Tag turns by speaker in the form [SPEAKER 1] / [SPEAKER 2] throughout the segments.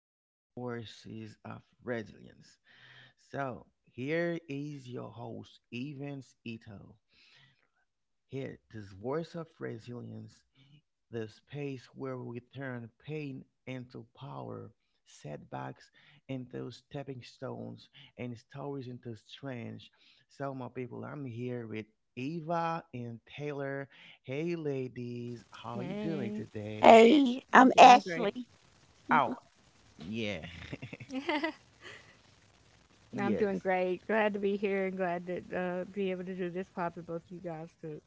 [SPEAKER 1] on Voices of Resilience. So, here is your host, Evans Ito. Here, this voice of resilience the space where we turn pain into power, setbacks into stepping stones, and stories into strength. So, my people, I'm here with Eva and Taylor. Hey, ladies, how are you doing
[SPEAKER 2] Hey,
[SPEAKER 1] today?
[SPEAKER 3] Hey,
[SPEAKER 2] I'm
[SPEAKER 3] I'm
[SPEAKER 2] doing great.
[SPEAKER 3] Ashley.
[SPEAKER 1] Oh,
[SPEAKER 3] Mhm.
[SPEAKER 1] yeah,
[SPEAKER 2] I'm doing
[SPEAKER 1] yes.
[SPEAKER 2] great. Glad to be here and glad to be able to do this pod with both of you guys too.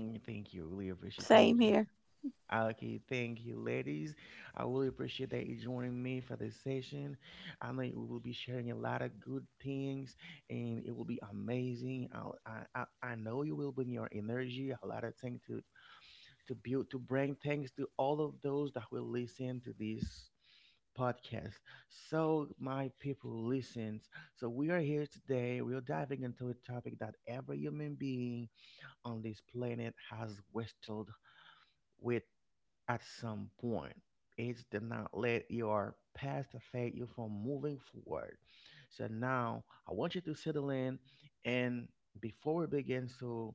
[SPEAKER 1] Mm, thank you. Really appreciate.
[SPEAKER 3] Same
[SPEAKER 1] Thank you.
[SPEAKER 3] here.
[SPEAKER 1] Okay, thank you, ladies. I really appreciate that you joining me for this session. I know we will be sharing a lot of good things, and it will be amazing. I'll, I know you will bring your energy, a lot of things to build, to bring thanks to all of those that will listen to this podcast. So, my people, listens. So, we are here today. We are diving into a topic that every human being on this planet has wrestled with at some point. Age did not let your past affect you from moving forward. So now I want you to settle in and before we begin, so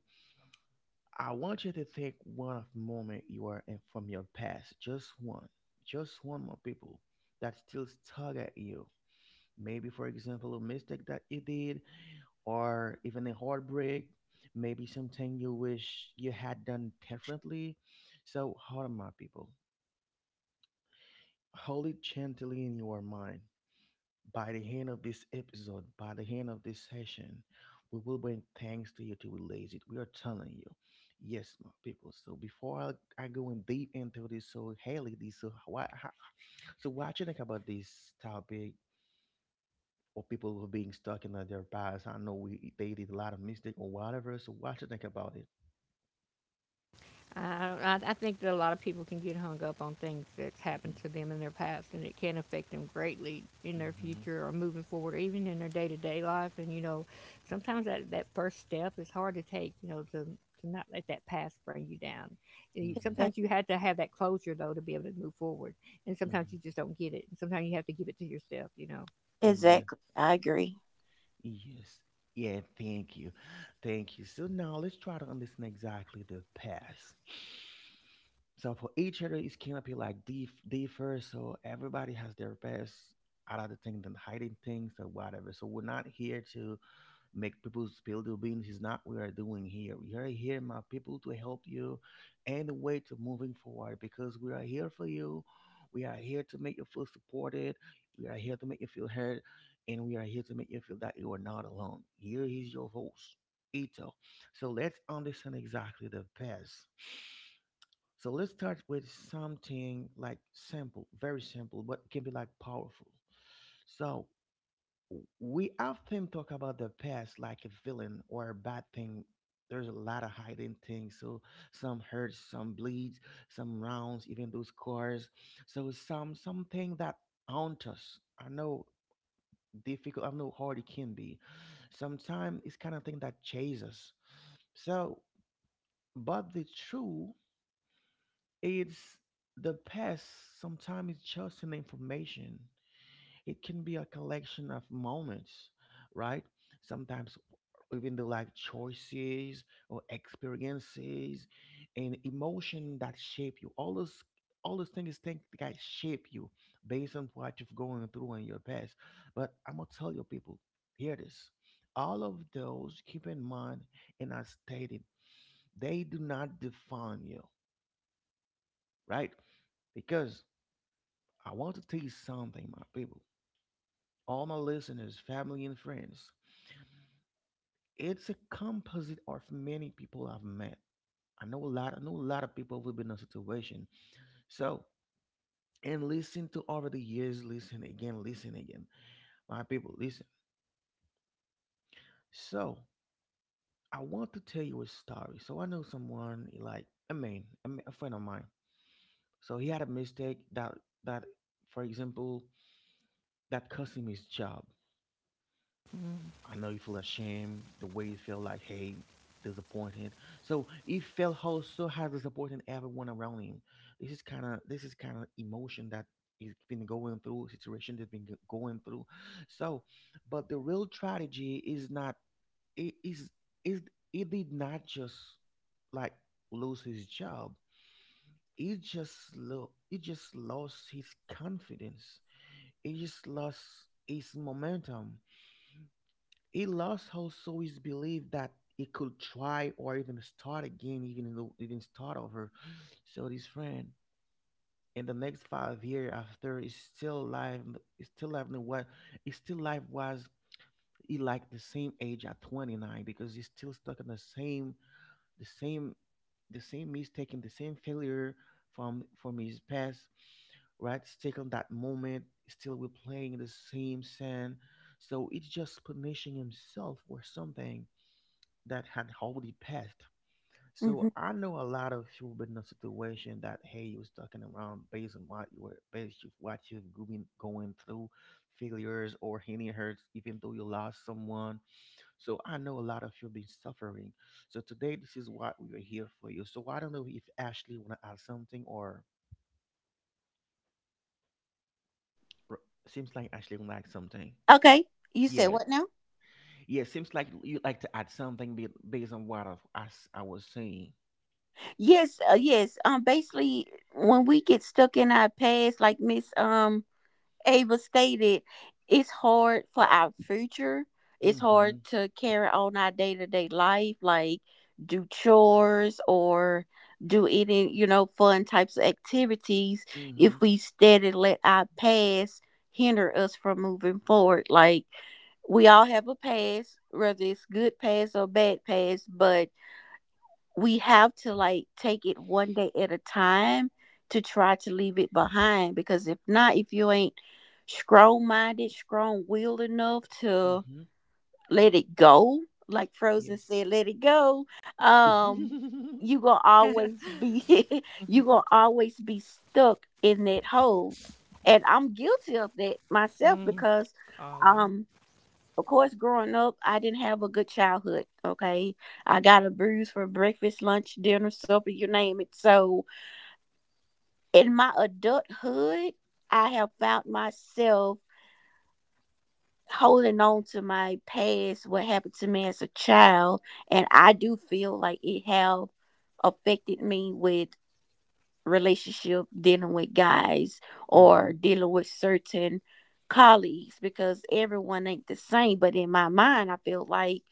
[SPEAKER 1] I want you to think one of moment you are in from your past. Just one. Just one more people that still tug at you. Maybe for example a mistake that you did or even a heartbreak. Maybe something you wish you had done differently. So how on my people hold it gently in your mind. By the end of this episode, by the end of this session, we will bring thanks to you to release it. We are telling you. Yes, my people. So before I go in deep into this, so Haley, this so what how, so what you think about this topic or people who are being stuck in their past? I know we they did a lot of mistake or whatever. So what you think about it?
[SPEAKER 2] I, don't- I think that a lot of people can get hung up on things that's
[SPEAKER 1] Mm-hmm.
[SPEAKER 2] happened to them in their past, and it can affect them greatly in their
[SPEAKER 1] Mm-hmm.
[SPEAKER 2] future or moving forward, even in their day to day life. And you know, sometimes that first step is hard to take. You know, to not let that past bring you down.
[SPEAKER 1] Mm-hmm.
[SPEAKER 3] Exac-
[SPEAKER 2] Sometimes you have to have that closure though to be able to move forward, and sometimes
[SPEAKER 1] Mm-hmm.
[SPEAKER 2] you just don't get it. And sometimes you have to give it to yourself. You know.
[SPEAKER 1] Yes.
[SPEAKER 3] Exactly. I agree.
[SPEAKER 1] Yes. Yeah, thank you. Thank you. So now let's try to understand exactly the past. So for each other, it's gonna be like differ. So everybody has their best out of the thing than hiding things or whatever. So we're not here to make people spill the beans is not what we are doing here. We are here, my people, to help you and the way to moving forward because we are here for you. We are here to make you feel supported. We are here to make you feel heard, and we are here to make you feel that you are not alone. Here is your voice, Ito. So let's understand exactly the past. So let's start with something like simple, very simple, but can be like powerful. So we often talk about the past like a villain or a bad thing. There's a lot of hiding things. So some hurts, some bleeds, some rounds, even those scars. So some something that haunt us. I know difficult. I know hard it can be. Sometimes it's kind of thing that chases us. So, but the truth is the past. Sometimes it's just an information. It can be a collection of moments, right? Sometimes even the like choices or experiences and emotion that shape you. All those things think that shape you based on what you've gone through in your past. But I'm gonna tell you people, hear this. All of those, keep in mind, and I stated, they do not define you, right? Because I want to tell you something, my people all my listeners, family, and friends. It's a composite of many people I've met. I know a lot. I know a lot of people who've been in a situation. So and listen to over the years. Listen again. Listen again. My people, listen. So I want to tell you a story. So I know someone like a man, a friend of mine. So he had a mistake that, for example, that cost him his job. I know you feel ashamed, the way you feel like hey, disappointed. So he felt also has disappointed everyone around him. This is kind of emotion that he's been going through, situation that's been going through. So, but the real tragedy is not it is he did not just like lose his job. He just lost his confidence. He just lost his momentum he lost also his belief that he could try or even start again, even start over. So this friend in the next 5 year after is still alive. Is still alive. In what is still alive was he like the same age at 29 because he's still stuck in the same the same the same mistake and the same failure from his past right still on that moment still we're playing the same sand so it's just punishing himself for something that had already passed.
[SPEAKER 3] Hmm
[SPEAKER 1] So I know a lot of people been in a situation that hey, you was talking around based on what you've been going through, failures or any hurts, even though you lost someone. So I know a lot of you been suffering. So today this is what we are here for you. So I don't know if Ashley wanna add something or seems like Ashley wanna add something.
[SPEAKER 3] Okay. You said
[SPEAKER 1] Yes.
[SPEAKER 3] what now?
[SPEAKER 1] Yeah, seems like you like to add something based on what I was saying.
[SPEAKER 3] Yes, basically, when we get stuck in our past, like Miss Ava stated, it's hard for our future. It's hard
[SPEAKER 1] Mm-hmm.
[SPEAKER 3] to carry on our day to day life, like do chores or do any, you know, fun types of activities
[SPEAKER 1] Mm-hmm.
[SPEAKER 3] if we steady let our past hinder us from moving forward. Like we all have a past, whether it's good past or bad past, but we have to like take it one day at a time to try to leave it behind because if not, if you ain't strong minded, strong willed enough to
[SPEAKER 1] Mm-hmm.
[SPEAKER 3] let it go, like
[SPEAKER 1] Yeah.
[SPEAKER 3] Frozen said, let it go. um you gonna always be you gonna always be stuck in that hole, and I'm guilty of that myself
[SPEAKER 2] Mm,
[SPEAKER 3] because
[SPEAKER 2] Allah.
[SPEAKER 3] um of course, growing up, I didn't have a good childhood. Okay. I got abused for breakfast, lunch, dinner, supper, you name it. So in my adulthood, I have found myself holding on to my past, what happened to me as a child. And I do feel like it have affected me with relationship dealing with guys
[SPEAKER 1] Mm-hmm.
[SPEAKER 3] or dealing with certain colleagues, because everyone ain't the same, but in my mind I feel like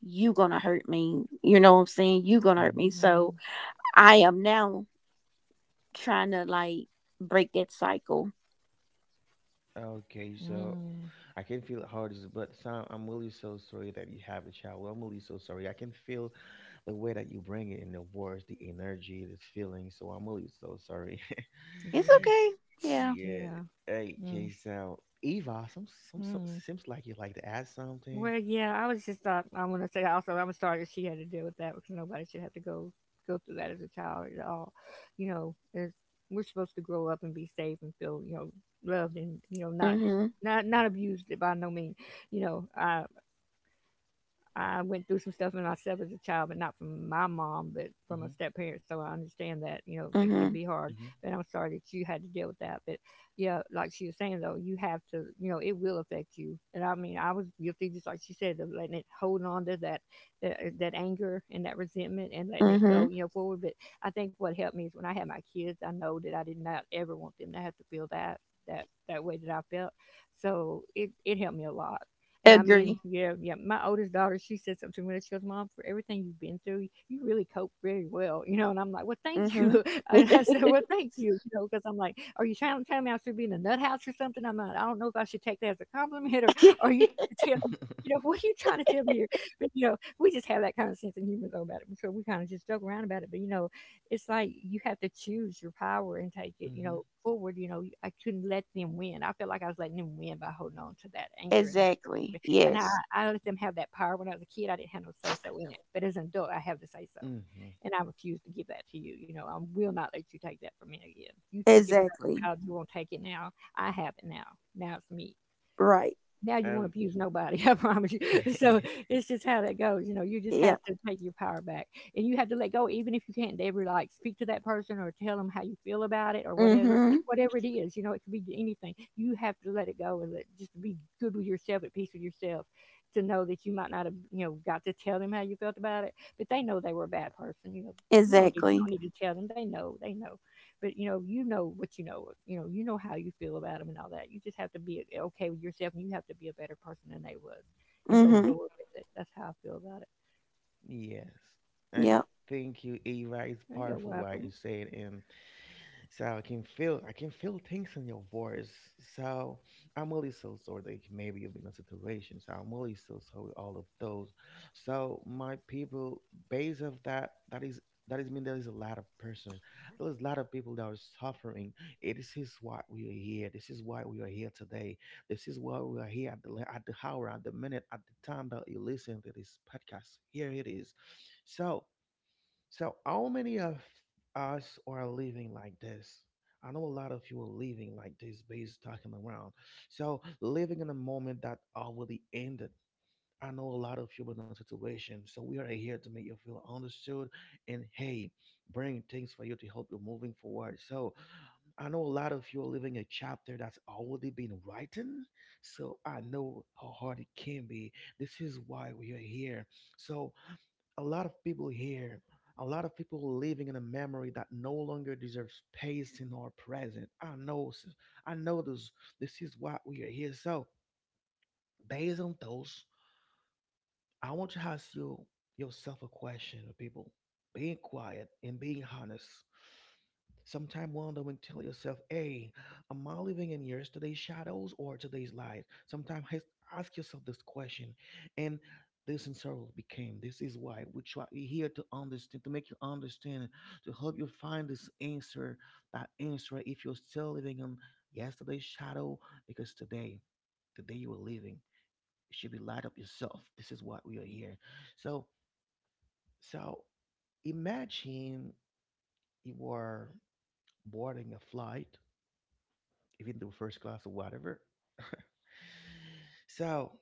[SPEAKER 3] you gonna hurt me, you know what I'm saying, you gonna hurt
[SPEAKER 1] Mm-hmm.
[SPEAKER 3] me.
[SPEAKER 2] Mhm.
[SPEAKER 3] So I am now trying to like break that cycle.
[SPEAKER 1] Okay, so
[SPEAKER 2] Mm,
[SPEAKER 1] I can feel how it is, but Sam, I'm really so sorry that you have a child. Well, I'm really so sorry. I can feel the way that you bring it in the words, the energy, the feeling. So I'm really so sorry.
[SPEAKER 3] It's
[SPEAKER 2] yes.
[SPEAKER 3] okay. Yeah.
[SPEAKER 1] Yeah.
[SPEAKER 2] Yeah.
[SPEAKER 1] Hey,
[SPEAKER 2] Mm,
[SPEAKER 1] K Sound. Eva, some
[SPEAKER 2] mm.
[SPEAKER 1] seems like you like to add something.
[SPEAKER 2] Well, yeah. I was just thought I want to say also I'm sorry that she had to deal with that because nobody should have to go through that as a child at all. You know, as we're supposed to grow up and be safe and feel you know loved and you know not
[SPEAKER 3] Mm-hmm.
[SPEAKER 2] not not abused by no means. You know, I went through some stuff in myself as a child, but not from my mom, but from a
[SPEAKER 1] Hmm.
[SPEAKER 2] step parent. So I understand that, you know, it can
[SPEAKER 3] Mm-hmm.
[SPEAKER 2] be hard.
[SPEAKER 1] Hmm.
[SPEAKER 2] But I'm sorry that you had to deal with that. But yeah, like she was saying though, you have to, you know, it will affect you. And I mean, I was guilty, just like she said, of letting it holding on to that anger and that resentment and letting it go,
[SPEAKER 3] Mm-hmm.
[SPEAKER 2] you know, forward. But I think what helped me is when I had my kids, I know that I did not ever want them to have to feel that way that I felt. So it helped me a lot. And I mean,
[SPEAKER 3] Agree.
[SPEAKER 2] yeah, yeah. My oldest daughter, she said something to me. She goes, "Mom, for everything you've been through, you really cope very well, you know." And I'm like, "Well, thank you."
[SPEAKER 3] Mm-hmm.
[SPEAKER 2] And I said, "Well, thank you," you know, because I'm like, "Are you trying to tell me I should be in a nut house or something?" I'm like, "I don't know if I should take that as a compliment or are you trying to tell me, you know, what are you trying to tell me here?" But you know, we just have that kind of sense of humor though about it, so we kind of just joke around about it. But you know, it's like you have to choose your power and take it, you
[SPEAKER 1] Hmm.
[SPEAKER 2] know, forward. You know, I couldn't let them win. I felt like I was letting them win by holding on to that anger and that
[SPEAKER 3] Exactly.
[SPEAKER 2] me. And I,
[SPEAKER 3] Yes.
[SPEAKER 2] I let them have that power when I was a kid. I didn't have no say so in it. But as an adult, I have the say so.
[SPEAKER 1] Hmm.
[SPEAKER 2] And I refuse to give that to you. You know, I will not let you take that from me again. You took it when I was a
[SPEAKER 3] Exactly.
[SPEAKER 2] child. You won't take it now. I have it now. Now it's me
[SPEAKER 3] Right.
[SPEAKER 2] now. You won't
[SPEAKER 1] Oh.
[SPEAKER 2] abuse nobody. I promise you. So it's just how that goes. You know, you just have
[SPEAKER 3] Yep.
[SPEAKER 2] to take your power back, and you have to let go even if you can't ever like speak to that person or tell them how you feel about it or whatever
[SPEAKER 3] Mm-hmm.
[SPEAKER 2] whatever it is. You know, it could be anything. You have to let it go and let, just be good with yourself, at peace with yourself, to know that you might not have, you know, got to tell them how you felt about it, but they know they were a bad person. You know, you don't need you
[SPEAKER 3] Exactly.
[SPEAKER 2] don't need to tell them. They know. They know. But you know, you know what you know. You know, you know how you feel about them and all that. You just have to be okay with yourself, and you have to be a better person than they was and go
[SPEAKER 1] Mm,
[SPEAKER 3] Mm-hmm.
[SPEAKER 2] forward with it. That's how I feel about it.
[SPEAKER 1] yes. I
[SPEAKER 3] Yep.
[SPEAKER 1] think you, Eva, is
[SPEAKER 2] There you're
[SPEAKER 1] powerful what you
[SPEAKER 2] welcome.
[SPEAKER 1] said, and so I can feel things in your voice. So I'm really so sorry that maybe you've been in a situation. So I'm really so sorry all of those. So my people, based of that that is mean there is a lot of person. There is a lot of people that are suffering. It is this is why we are here. This is why we are here today. This is why we are here at the at the hour, at the minute, at the time that you listen to this podcast. Here it is. So so, how many of us are living like this? I know a lot of you are living like this, based talking around. So, living in a moment that already ended. I know a lot of you are in a situation. So, we are here to make you feel understood and hey, bring things for you to help you moving forward. So, I know a lot of you are living a chapter that's already been written. So, I know how hard it can be. This is why we are here. So, a lot of people here, a lot of people living in a memory that no longer deserves space in our present. I know, I know this. This is what we are here. So, based on those I want you to ask you, yourself a question, people. Being quiet and being honest. Sometimes wonder when tell yourself, hey, am I living in yesterday's shadows or today's light? Sometimes ask yourself this question. And this in several became this is why we try we here to understand to make you understand to help you find this answer that answer if you're still living in yesterday's shadow because today the day you were living it should be light up yourself. This is what we are here. So, so, imagine you are boarding a flight, even though first class or whatever. So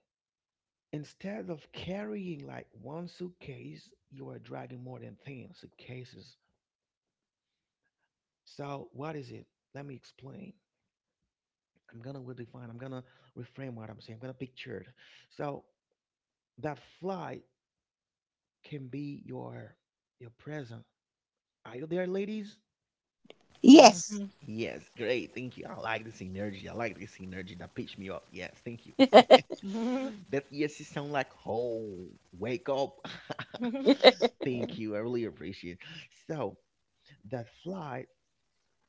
[SPEAKER 1] instead of carrying like one suitcase, you are dragging more than ten suitcases. So what is it? Let me explain. I'm gonna redefine. I'm gonna reframe what I'm saying. I'm gonna picture it. So that flight can be your present. Are you there, ladies?
[SPEAKER 3] Yes.
[SPEAKER 2] Mhm.
[SPEAKER 1] Yes, great. Thank you. I like this energy. I like this energy that pitched me up. Yes, thank you.
[SPEAKER 2] Mhm.
[SPEAKER 1] That yes, it sound like oh, wake up. Thank
[SPEAKER 2] Mm.
[SPEAKER 1] you. I really appreciate. So that flight,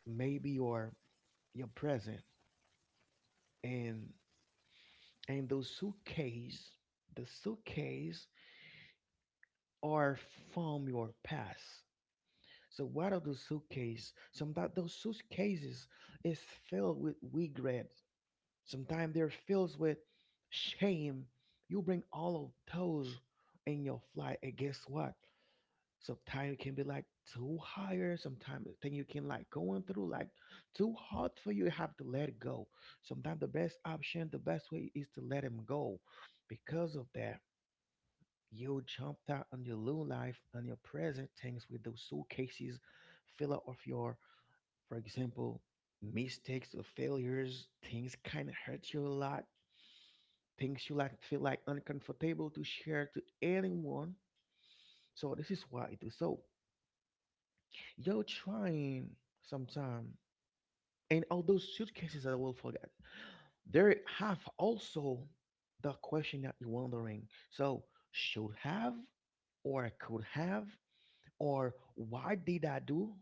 [SPEAKER 1] maybe your present and and those suitcase, the suitcase are from your past. So what are those suitcase? Some that those suitcases is filled with regret sometimes they're filled with shame. You bring all of those in your flight, and guess what? Sometimes it can be like too higher. Sometimes the thing you can like going through like too hard for you. You have to let it go. Sometimes the best option, the best way is to let him go. Because of that, you jumped out on your new life and your present things with those suitcases fill up of your, for example, mistakes or failures. Things kind of hurt you a lot, things you like feel like uncomfortable to share to anyone. So this is what I do. So you're trying sometime, and all those suitcases that I will forget, there have also the question that you're wondering. So should have, or could have, or why did I do?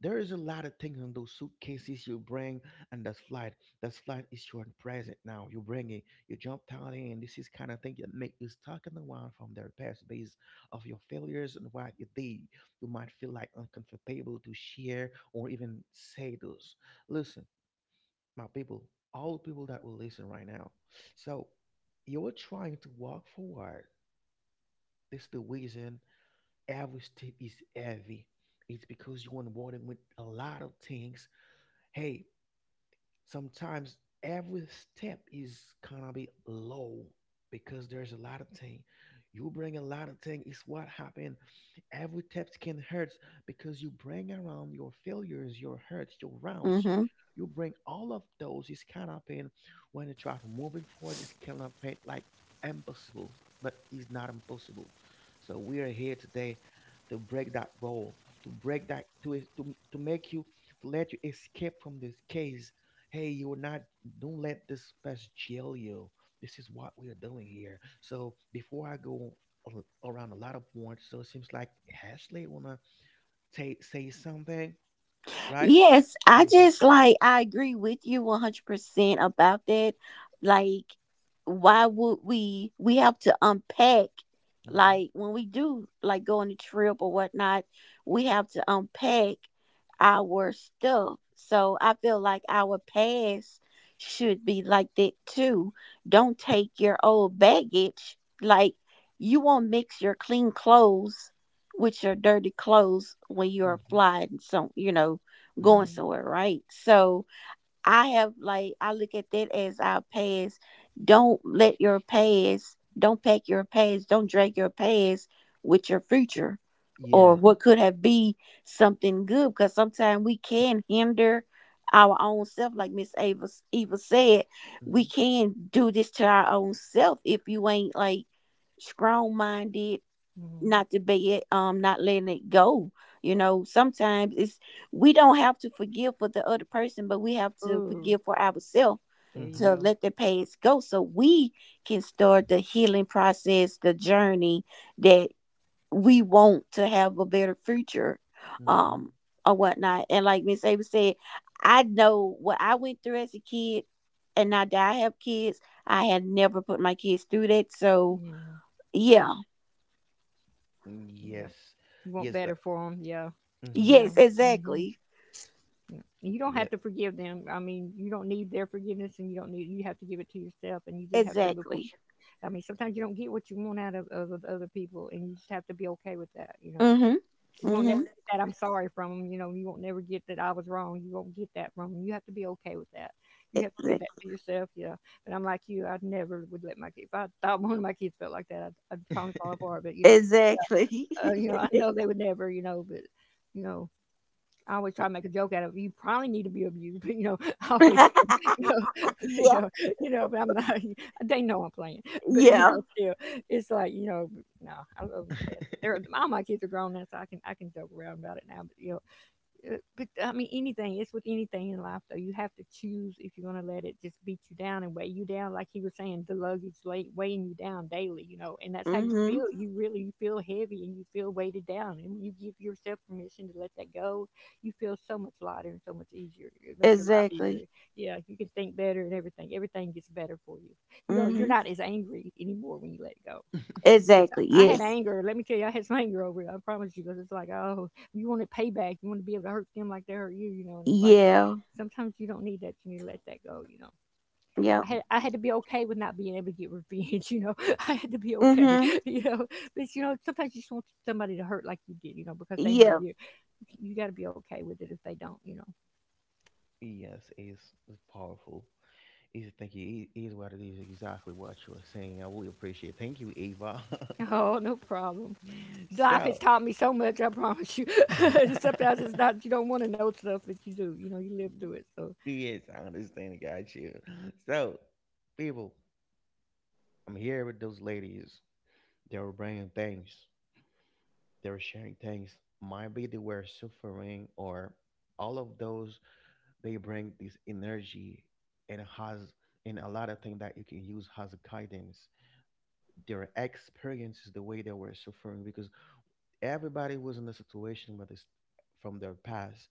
[SPEAKER 1] There is a lot of things on those suitcases you bring and that flight. That flight is your present now. You bring it, you jump down in, and this is kind of thing that make you stuck in the wild from their past base of your failures and what you did. You might feel like uncomfortable to share or even say those. Listen, my people, all people that will listen right now. So you're trying to walk forward. This the reason every step is heavy. It's because you're onboarding with a lot of things, hey, sometimes every step is gonna be low because there's a lot of thing, you bring a lot of thing. It's what happen, every step can hurt because you bring around your failures, your hurts, your rounds,
[SPEAKER 3] hmm
[SPEAKER 1] you bring all of those. It's kind of pain, when you try to moving forward it's kind of pain like impossible, but it's not impossible. So we are here today to break that role, to break that to make you, to let you escape from this case. Hey, you are not, don't let this pest jail you. This is what we are doing here. So before I go a- around a lot of points, so it seems like Ashley wanna ta say something, right?
[SPEAKER 3] Yes, I
[SPEAKER 1] Hmm.
[SPEAKER 3] just like I agree with you 100% about that. Like, why would we have to unpack,
[SPEAKER 1] Hmm.
[SPEAKER 3] like when we do like go on a trip or whatnot, we have to unpack our stuff. So I feel like our past should be like that too. Don't take your old baggage. Like, you won't mix your clean clothes with your dirty clothes when you're
[SPEAKER 1] Hmm.
[SPEAKER 3] flying. So, you know, going
[SPEAKER 1] Hmm.
[SPEAKER 3] somewhere, right? So I have like I look at that as our past. Don't let your past, don't pack your past, don't drag your past with your future or
[SPEAKER 1] Yes.
[SPEAKER 2] Mm,
[SPEAKER 3] what could have be something good, because sometimes we can hinder our own self. Like Miss Ava, Eva said, we
[SPEAKER 1] Hmm.
[SPEAKER 3] can do this to our own self if you ain't like strong minded,
[SPEAKER 2] mm, mm.
[SPEAKER 3] not to be it, not letting it go. You know, sometimes it's, we don't have to forgive for the other person, but we have to
[SPEAKER 2] Ooh,
[SPEAKER 3] forgive for ourselves
[SPEAKER 2] there you
[SPEAKER 3] to
[SPEAKER 1] Hmm.
[SPEAKER 2] go.
[SPEAKER 3] let the past go so we can start the healing process, the journey that we want to have a better future.
[SPEAKER 1] Hmm.
[SPEAKER 3] um or whatnot, and like Miss Ava said, I know what I went through as a kid, and now that I have kids, I had never put my kids through that. So
[SPEAKER 2] mm,
[SPEAKER 3] yeah.
[SPEAKER 2] yeah,
[SPEAKER 1] Yes.
[SPEAKER 2] you want
[SPEAKER 1] Yes.
[SPEAKER 2] better for them. Yeah.
[SPEAKER 1] Hmm.
[SPEAKER 2] Yeah.
[SPEAKER 3] Yes,
[SPEAKER 2] Mhm.
[SPEAKER 3] exactly.
[SPEAKER 2] Yeah. You don't have
[SPEAKER 1] Yeah.
[SPEAKER 2] to forgive them. I mean, you don't need their forgiveness, and you don't need you have to give it to yourself, and you just have to move.
[SPEAKER 3] Exactly.
[SPEAKER 2] I mean, sometimes you don't get what you want out of other people, and you just have to be okay with that. You know,
[SPEAKER 3] Mhm.
[SPEAKER 2] you won't never
[SPEAKER 3] Mhm.
[SPEAKER 2] get that I'm sorry from them. You know, you won't never get that I was wrong. You won't get that from them. You have to be okay with that. You have to give that
[SPEAKER 3] Exa-
[SPEAKER 2] to yourself. You know, but I'm like you. I never would let my kids. If I thought one of my kids felt like that, I'd probably fall apart. But
[SPEAKER 3] Exactly.
[SPEAKER 2] you know, I know they would never. You know, but you know. I always
[SPEAKER 1] Y-.
[SPEAKER 2] try to make a joke out of it. You probably need to be abused, but you know, I always, you you
[SPEAKER 3] Yeah.
[SPEAKER 2] know, you know, but I'm not. They know I'm playing, but you
[SPEAKER 3] Yeah.
[SPEAKER 2] know, still, it's like you know, no, I love them to death. But they're all my kids are grown now, so I can joke around about it now. But you know, but I mean, anything. It's with anything in life, though. You have to choose if you're going to let it just beat you down and weigh you down. Like he was saying, the luggage late weighing you down daily, you know, and that's how you
[SPEAKER 3] Mhm.
[SPEAKER 2] feel. You really you feel heavy and you feel weighted down. And when you give yourself permission to let that go, you feel so much lighter and so much easier. It makes your life easier.
[SPEAKER 3] Exactly.
[SPEAKER 2] Yeah, you can think better and everything. Everything gets better for you. You know, you're
[SPEAKER 3] Mhm.
[SPEAKER 2] not as angry anymore when you let it go. Cause
[SPEAKER 3] Exactly.
[SPEAKER 2] I had
[SPEAKER 3] Yes.
[SPEAKER 2] anger. Let me tell you, I had some anger over it. I promise you. Cause it's like, oh, you want it payback. You want to be able to hurt them like they hurt you, you know. And it's like
[SPEAKER 3] Yeah.
[SPEAKER 2] sometimes you don't need that. You need to let that go, you know.
[SPEAKER 3] Yeah.
[SPEAKER 2] I
[SPEAKER 1] Y-.
[SPEAKER 2] had I had to be okay with not being able to get revenge, you know. I had to be okay,
[SPEAKER 3] Mhm.
[SPEAKER 2] you know. But you know, sometimes you just want somebody to hurt like you did, you know, because they hurt
[SPEAKER 3] Yeah.
[SPEAKER 2] you. You got to be okay with it if they don't, you know.
[SPEAKER 1] Yes, it's powerful. It's, thank you. It is what it is. Exactly what you are saying. I really appreciate. Thank you, Ava.
[SPEAKER 2] Oh, no problem. Life has
[SPEAKER 1] So
[SPEAKER 2] taught me so much. I promise you. Sometimes it's not you don't want to know stuff, but you do. You know, you live through it, so
[SPEAKER 1] yes, I understand. Got you. So people, I'm here with those ladies. They were bringing things. They were sharing things. Might be they were suffering or all of those. They bring this energy and has, and a lot of things that you can use as a guidance. Their experiences, the way they were suffering, because everybody was in a situation with this from their past.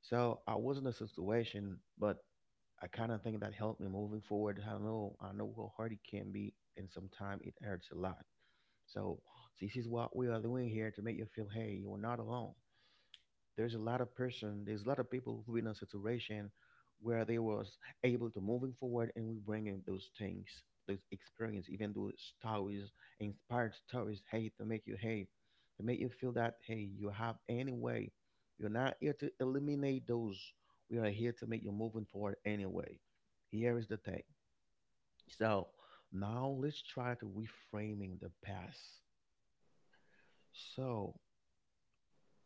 [SPEAKER 1] So I was in a situation, but I kind of think that helped me moving forward. I know how hard it can be, and sometimes it hurts a lot. So this is what we are doing here to make you feel, hey, you are not alone. There's a lot of person, there's a lot of people who in a situation where they was able to moving forward, and we bringing those things, those experience, even those stories, inspired stories, hey, to make you, hey, to make you feel that hey, you have any way, you're not here to eliminate those, we are here to make you moving forward anyway. Here is the thing. So now let's try to reframing the past. So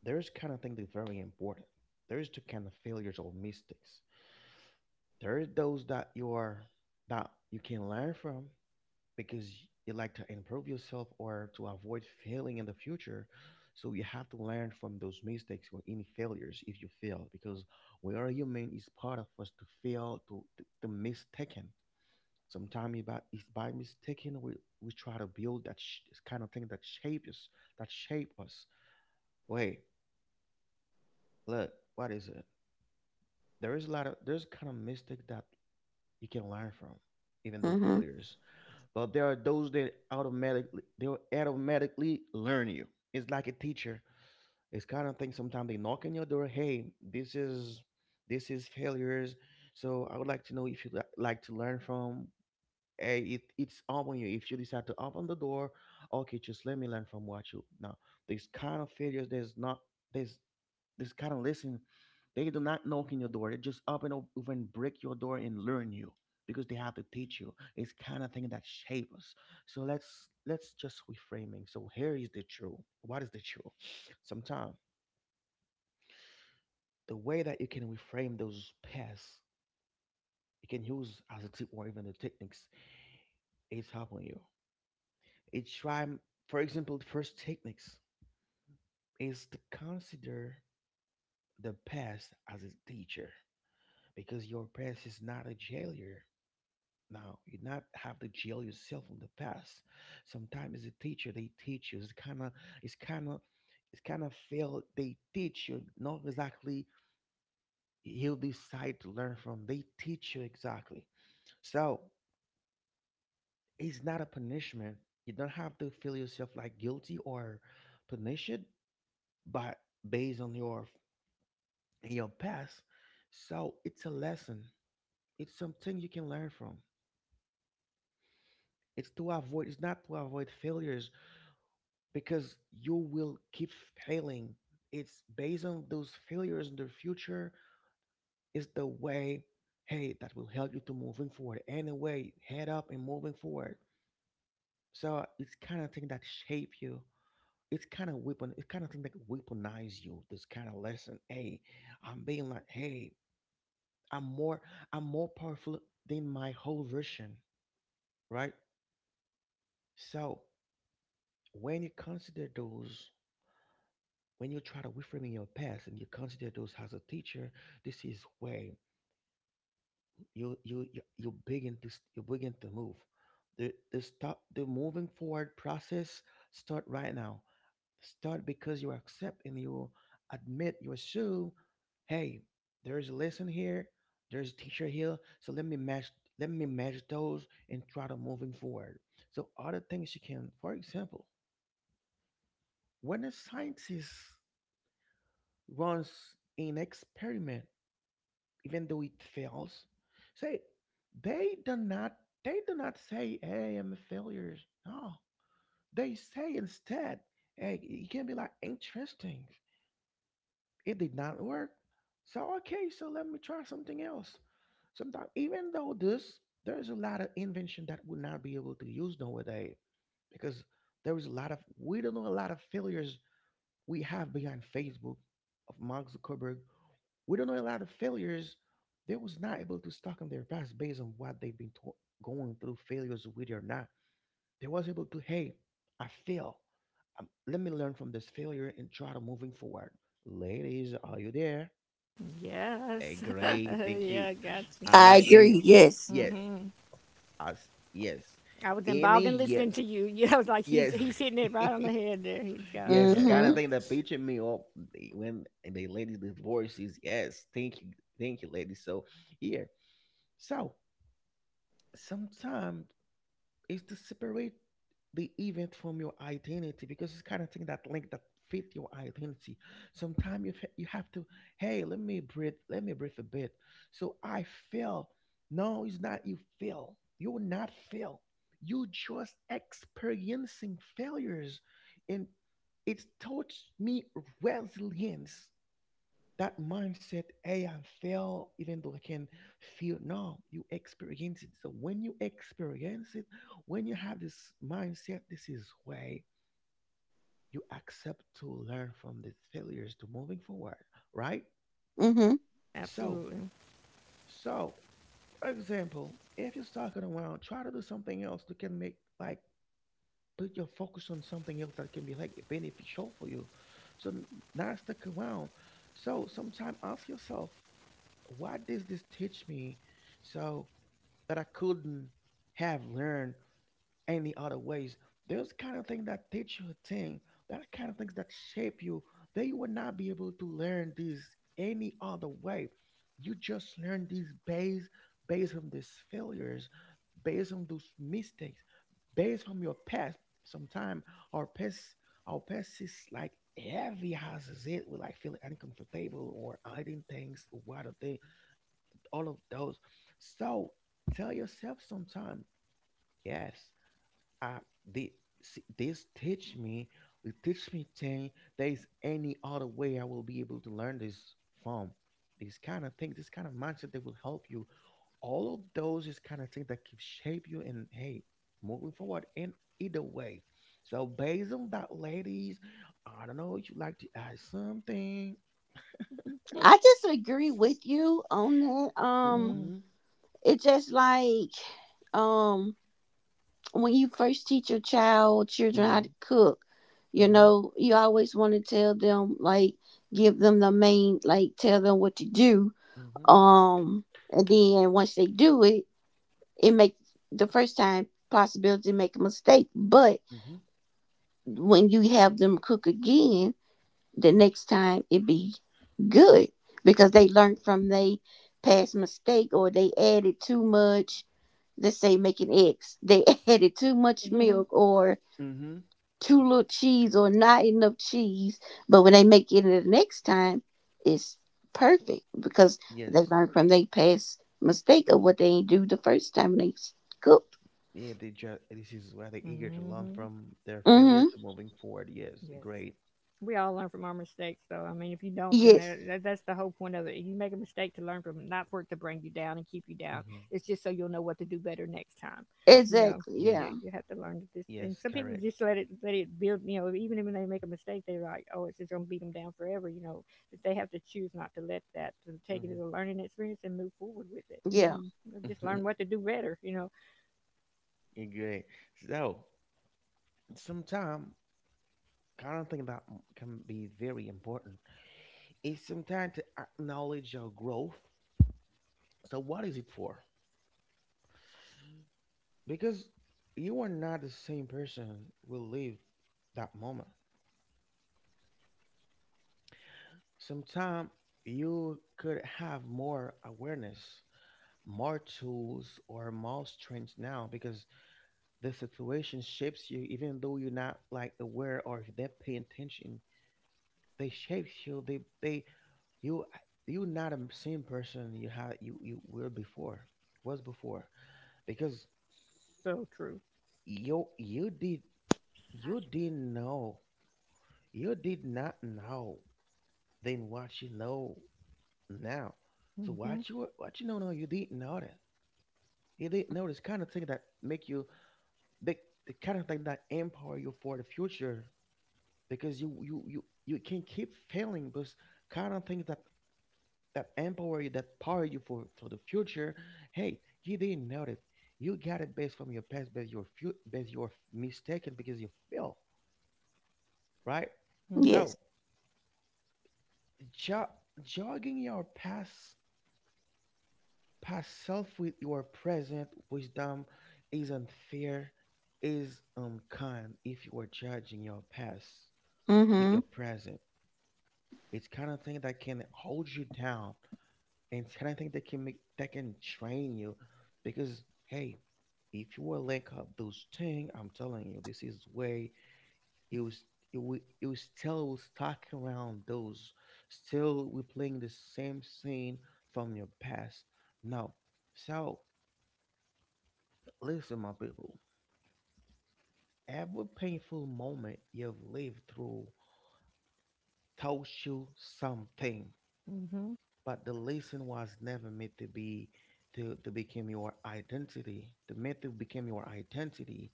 [SPEAKER 1] there's kind of thing that's very important. There's two kind of failures or mistakes. There are those that you are, that you can learn from because you like to improve yourself or to avoid failing in the future. So you have to learn from those mistakes or any failures if you fail, because we are human. It's part of us to fail, to mistaken. Sometimes by it's by mistaken we try to build that sh- kind of thing that shape us, that shape us. Wait, look, what is it? There is a lot of, there's kind of mistake that you can learn from, even though
[SPEAKER 3] Mhm.
[SPEAKER 1] failures, but there are those that automatically, they'll automatically learn you. It's like a teacher. It's kind of thing, sometimes they knock on your door, hey, this is, this is failures. So I would like to know if you li- like to learn from, hey, it, it's up on you if you decide to open the door. Okay, just let me learn from what you now. These kind of failures, there's not, there's, this kind of, listen. They do not knock on your door. They just open up and break your door and learn you because they have to teach you. It's kind of thing that shape us. So let's just reframing. So here is the truth. What is the truth? Sometimes the way that you can reframe those past, you can use as a tip or even the techniques. It's helping you. It's try, for example, the first techniques is to consider the past as a teacher, because your past is not a failure. Now, you not have to jail yourself in the past. Sometimes as a teacher, they teach you. It's kind of, it's kind of, it's kind of fail. They teach you not exactly, you decide to learn from. They teach you exactly. So it's not a punishment. You don't have to feel yourself like guilty or punished, but based on your past. So it's a lesson. It's something you can learn from. It's to avoid. It's not to avoid failures because you will keep failing. It's based on those failures in the future, is the way, hey, that will help you to moving forward. Anyway, head up and moving forward. So it's kind of thing that shape you. It's kind of weapon. It's kind of thing that weaponize you. This kind of lesson. Hey, I'm being like, hey, I'm more, I'm more powerful than my whole version, right? So when you consider those, when you try to reframe in your past and you consider those as a teacher, this is where you begin to s- you begin to move. The stop the moving forward process start right now. Start because you accept and you admit, you assume, hey, there is a lesson here, there's a teacher here, so let me match, let me match those and try to moving forward. So other things you can, for example, when a scientist runs an experiment, even though it fails. Say they do not, they do not say, hey, I'm a failure. No. They say instead, hey, it can be like interesting. It did not work. So okay, so let me try something else. Sometimes even though this, there's a lot of invention that would not be able to use nowadays because there is a lot of, we don't know a lot of failures we have behind Facebook of Mark Zuckerberg, we don't know a lot of failures. They was not able to stock on their past based on what they've been to- going through, failures with or not. They was able to, hey, I fail. Let me learn from this failure and try to moving forward. Ladies, are you there? Hey,
[SPEAKER 2] yes.
[SPEAKER 1] great, thank you.
[SPEAKER 2] Yeah, got you.
[SPEAKER 1] I
[SPEAKER 3] I
[SPEAKER 1] like when you,
[SPEAKER 3] agree. Yes.
[SPEAKER 1] yeah,
[SPEAKER 2] Mm-hmm.
[SPEAKER 1] us, yes,
[SPEAKER 2] I was involved
[SPEAKER 1] any,
[SPEAKER 2] in
[SPEAKER 1] yeah,
[SPEAKER 2] listening to you. You know, I was like, he's
[SPEAKER 1] yes.
[SPEAKER 2] he's hitting it right on the head there. He's got it.
[SPEAKER 1] Yes, it's
[SPEAKER 2] There you
[SPEAKER 1] kind of
[SPEAKER 3] Mhm.
[SPEAKER 2] go.
[SPEAKER 1] thing that pitching me up when and they ladies' the voice, yes. Thank you, ladies. So here, so sometimes it's to separate the event from your identity, because it's kind of thing that link that fit your identity. Sometimes you, fe- you have to, hey, let me breathe a bit. So I feel. No, it's not you fail. You're not fail. You just experiencing failures. And it taught me resilience. That mindset, hey, I fail, even though I can feel. No, you experience it. So when you experience it, when you have this mindset, this is way you accept to learn from the failures to moving forward, right?
[SPEAKER 3] Mhm.
[SPEAKER 1] So,
[SPEAKER 2] Absolutely.
[SPEAKER 1] so for example, if you're talking around, try to do something else that can make like put your focus on something else that can be like beneficial for you. So n- not stuck around. So sometimes ask yourself, what does this teach me so that I couldn't have learned any other ways? Those kind of things that teach you a thing, that kind of things that shape you, that you would not be able to learn this any other way. You just learn these based, based on these failures, based on those mistakes, based on your past. Sometimes our past, our past is like heavy as it. We like feel uncomfortable or hiding things or what are all of those. So tell yourself sometime, yes, I the see, this teach me, it teach me thing. There is any other way I will be able to learn this from. This kind of thing, this kind of mindset that will help you. All of those is kind of thing that can shape you and hey, moving forward in either way. So based on that, ladies, I don't know if you like to add something.
[SPEAKER 3] I just agree with you on that.
[SPEAKER 1] Mm-hmm.
[SPEAKER 3] It's just like, um, when you first teach your child or children how
[SPEAKER 1] Mm-hmm.
[SPEAKER 3] to cook, you
[SPEAKER 1] Mm-hmm.
[SPEAKER 3] know, you always want to tell them, like give them the main, like tell them what to do.
[SPEAKER 1] Mm-hmm.
[SPEAKER 3] Um and then once they do it, it makes the first time possibility make a mistake. But
[SPEAKER 1] Mm-hmm.
[SPEAKER 3] when you have them cook again, the next time it be good because they learned from they past mistake, or they added too much, let's say making eggs, they added too much
[SPEAKER 2] Mm-hmm.
[SPEAKER 3] milk or
[SPEAKER 1] Mm-hmm.
[SPEAKER 3] too little cheese or not enough cheese. But when they make it the next time, it's perfect because they
[SPEAKER 1] Yes.
[SPEAKER 3] learned from their past mistake of what they ain't do the first time when they cook.
[SPEAKER 1] Yeah, they just this is where they're eager to learn
[SPEAKER 2] Mm-hmm.
[SPEAKER 1] from their failure
[SPEAKER 3] Mm-hmm.
[SPEAKER 1] to moving forward. Yes,
[SPEAKER 2] Yes.
[SPEAKER 1] great.
[SPEAKER 2] We all learn from our mistakes, though. I mean, if you don't, then
[SPEAKER 3] Yes.
[SPEAKER 2] that's the whole point of it. You make a mistake to learn from, it, not for it to bring you down and keep you down.
[SPEAKER 1] Hmm
[SPEAKER 2] It's just so you'll know what to do better next time. You know,
[SPEAKER 3] Exactly.
[SPEAKER 2] yeah,
[SPEAKER 3] Yeah.
[SPEAKER 1] Yes,
[SPEAKER 2] you have to learn to just. And
[SPEAKER 1] yes,
[SPEAKER 2] some people
[SPEAKER 1] correct.
[SPEAKER 2] just let it build. You know, even when they make a mistake, they're like, "Oh, it's just gonna beat them down forever." You know, but they have to choose not to let that to take it as a learning experience and move forward with it, and
[SPEAKER 3] Yeah.
[SPEAKER 2] then you know, just
[SPEAKER 1] Mm-hmm.
[SPEAKER 2] learn what to do better. You know,
[SPEAKER 1] great. So sometimes kind of thing that can be very important is sometimes to acknowledge your growth. So what is it for? Because you are not the same person will live that moment. Sometimes you could have more awareness more tools or more strength now because the situation shapes you even though you're not like aware or they pay attention they shapes you they you you're not the same person you had you you were before was before because
[SPEAKER 2] so true.
[SPEAKER 1] you did you didn't know you did not know then what you know now so
[SPEAKER 2] Mhm.
[SPEAKER 1] what you know now you didn't know that you didn't know this kind of thing that make you the the kind of thing that empower you for the future because you can keep failing but kind of things that empower you that power you for the future hey he didn't know that you got it based from your past based your based your mistaken because you fail right
[SPEAKER 2] Mhm.
[SPEAKER 1] so
[SPEAKER 3] Yes.
[SPEAKER 1] jo- jogging your past past self with your present wisdom is unfair is unkind. If you are judging your past with
[SPEAKER 3] Mm-hmm.
[SPEAKER 1] your present, it's kind of thing that can hold you down, and it's kind of thing that can make that can train you, because hey, if you will link up those things, I'm telling you, this is way it was. It was still will stuck around those. Still, we playing the same scene from your past. No, so listen, my people. Every painful moment you've lived through taught you something.
[SPEAKER 2] Mhm.
[SPEAKER 1] But the lesson was never meant to become your identity.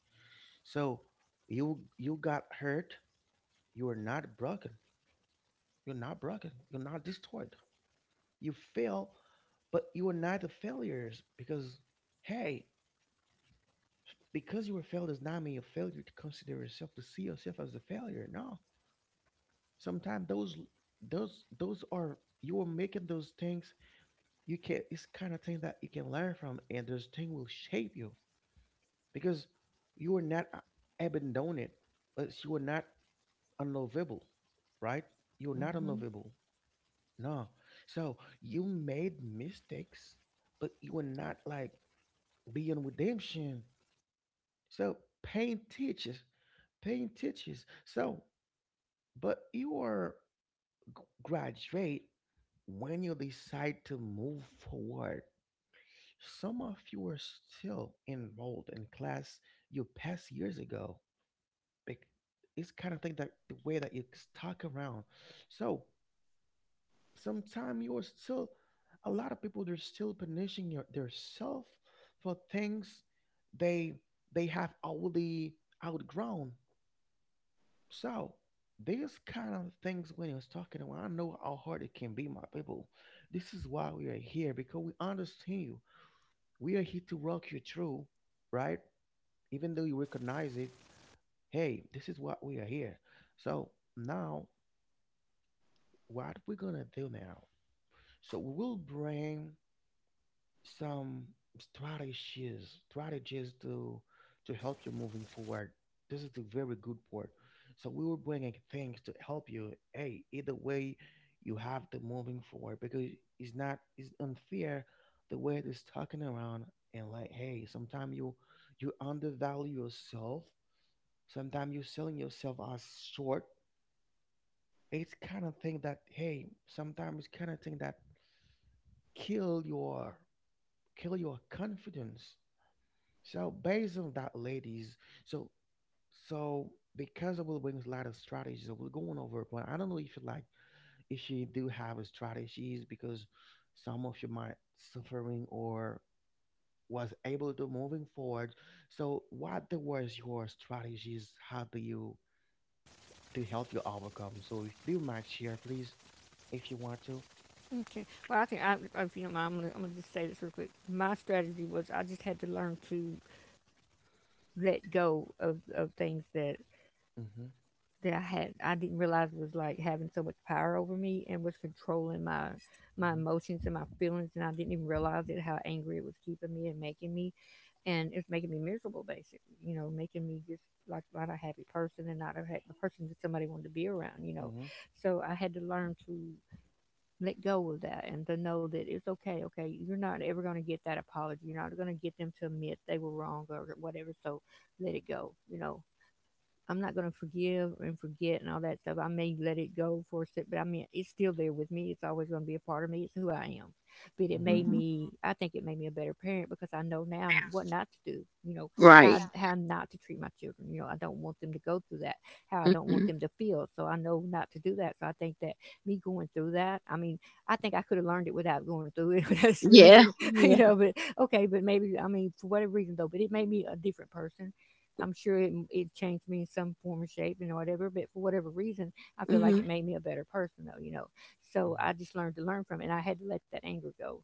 [SPEAKER 1] So you got hurt you are not broken you're not destroyed you fail but you are not a failures because hey because you were failed does not mean you're a failure to consider yourself to see yourself as a failure no sometimes those those are you are making those things you can it's kind of thing that you can learn from and this thing will shape you because you are not abandoned but you are not unlovable right you're not
[SPEAKER 2] Mhm.
[SPEAKER 1] unlovable no so you made mistakes but you were not like beyond redemption so pain teaches pain teaches so but you are graduate when you decide to move forward. Some of you are still enrolled in class you passed years ago. Bec- It's kind of thing that the way that you stuck around. So sometime you are still a lot of people they're still punishing their self for things they they have already outgrown. So these kind of things when I was talking about, I know how hard it can be, my people. This is why we are here because we understand you. We are here to rock you through, right? Even though you recognize it, hey, this is what we are here. So now, what we're gonna do now? So we will bring some strategies to help you moving forward. This is the very good part. So we will bring things to help you. Hey, either way, you have to moving forward because it's not it's unfair the way it is talking around and like hey, sometimes you you undervalue yourself. Sometimes you're selling yourself as short. It's kind of thing that hey, sometimes it's kind of thing that kill your kill your confidence. So based on that, ladies, so so because I will bring a lot of strategies, so we're going over, but I don't know if you like if you do have a strategies because some of you might suffering or was able to moving forward. So what the was your strategies? How do you to help you overcome? So if you might share, please. If you want to.
[SPEAKER 2] Okay. Well, I think I, if you don't mind, I'm gonna just say this real quick. My strategy was I just had to learn to let go of things that
[SPEAKER 1] Mhm.
[SPEAKER 2] that I had I didn't realize was like having so much power over me and was controlling my
[SPEAKER 1] Mhm.
[SPEAKER 2] emotions and my feelings, and I didn't even realize it, how angry it was keeping me and making me and it's making me miserable basically, making me just like not a happy person and not a happy person that somebody wanted to be around,
[SPEAKER 1] Mhm.
[SPEAKER 2] so I had to learn to let go of that and to know that it's okay. Okay, you're not ever going to get that apology, you're not going to get them to admit they were wrong or whatever, so let it go. I'm not going to forgive and forget and all that stuff. I may let it go for a sec, but I mean, it's still there with me. It's always going to be a part of me. It's who I am. But it made
[SPEAKER 1] Mhm.
[SPEAKER 3] hmm
[SPEAKER 2] me, I think it made me a better parent because I know now what not to do,
[SPEAKER 3] Right.
[SPEAKER 2] how not to treat my children. You know, I don't want them to go through that, how I don't want
[SPEAKER 3] Mm-hmm.
[SPEAKER 2] them to feel. So I know not to do that. So I think that me going through that, I mean, I think I could have learned it without going through it, without
[SPEAKER 3] Yeah.
[SPEAKER 2] experiencing it,
[SPEAKER 3] Yeah.
[SPEAKER 2] but okay, but maybe, I mean, for whatever reason though, but it made me a different person. I'm sure it, it changed me in some form or shape and whatever, but for whatever reason, I feel like
[SPEAKER 3] Mm-hmm.
[SPEAKER 2] it made me a better person though, So
[SPEAKER 1] Mhm.
[SPEAKER 2] I just learned to learn from it, and I had to let that anger go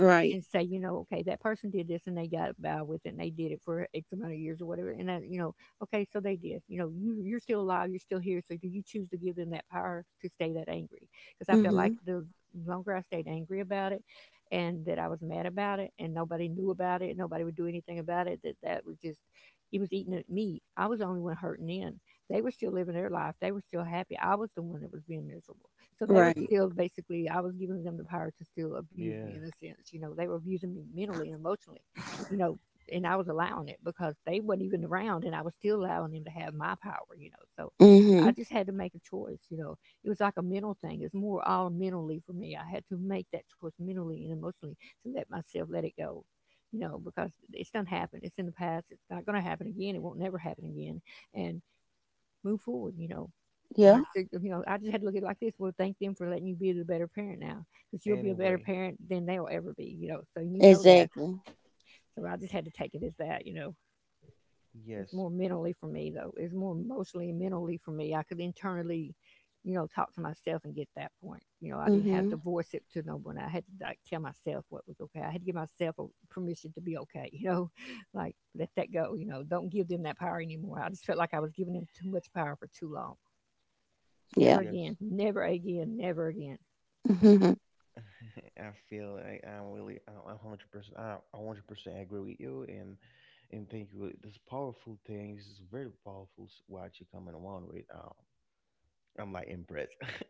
[SPEAKER 3] Right.
[SPEAKER 2] and say, you know, okay, that person did this and they got by with it, and they did it for X amount of years or whatever. And that, you know, okay, so they did. You know, you you're still alive, you're still here. So do you choose to give them that power to stay that angry? Because I felt
[SPEAKER 1] Mhm.
[SPEAKER 3] Mm-hmm.
[SPEAKER 2] like the longer I stayed angry about it and that I was mad about it and nobody knew about it, nobody would do anything about it, that that was just it was eating at me. I was the only one hurting in. They were still living their life. They were still happy. I was the one that was being miserable. So they were
[SPEAKER 3] Right.
[SPEAKER 1] Mhm.
[SPEAKER 2] still basically, I was giving them the power to still abuse me
[SPEAKER 1] Yeah.
[SPEAKER 2] in a sense. You know, they were abusing me mentally and emotionally, you know, and I was allowing it because they weren't even around, and I was still allowing them to have my power, So
[SPEAKER 3] Mm-hmm.
[SPEAKER 2] I just had to make a choice, It was like a mental thing. It's more all mentally for me. I had to make that choice mentally and emotionally to let myself let it go. You know, because it's done happened. It's in the past. It's not going to happen again. It won't never happen again. And move forward, I
[SPEAKER 3] Yeah.
[SPEAKER 2] said, you know, I just had to look at it like this. Well, thank them for letting you be the better parent now, because you'll be a better
[SPEAKER 1] Anyway,
[SPEAKER 2] parent than they'll ever be, you know. So you know that.
[SPEAKER 3] Exactly.
[SPEAKER 2] So I just had to take it as that, It's
[SPEAKER 1] yes,
[SPEAKER 2] more mentally for me though. It's more emotionally and mentally for me. I could internally, you know, talk to myself and get that point. You know, I didn't have
[SPEAKER 3] Mm-hmm.
[SPEAKER 2] to voice it to no one. I had to like tell myself what was okay. I had to give myself a permission to be okay. You know, like let that go. You know, don't give them that power anymore. I just felt like I was giving them too much power for too long. Never
[SPEAKER 3] Yeah.
[SPEAKER 1] yes.
[SPEAKER 2] again. Never again. Never again.
[SPEAKER 3] Mm-hmm.
[SPEAKER 1] I feel I'm 100% I 100% agree with you and thank you. This powerful thing this is very powerful. What you coming on with? I'm like impressed.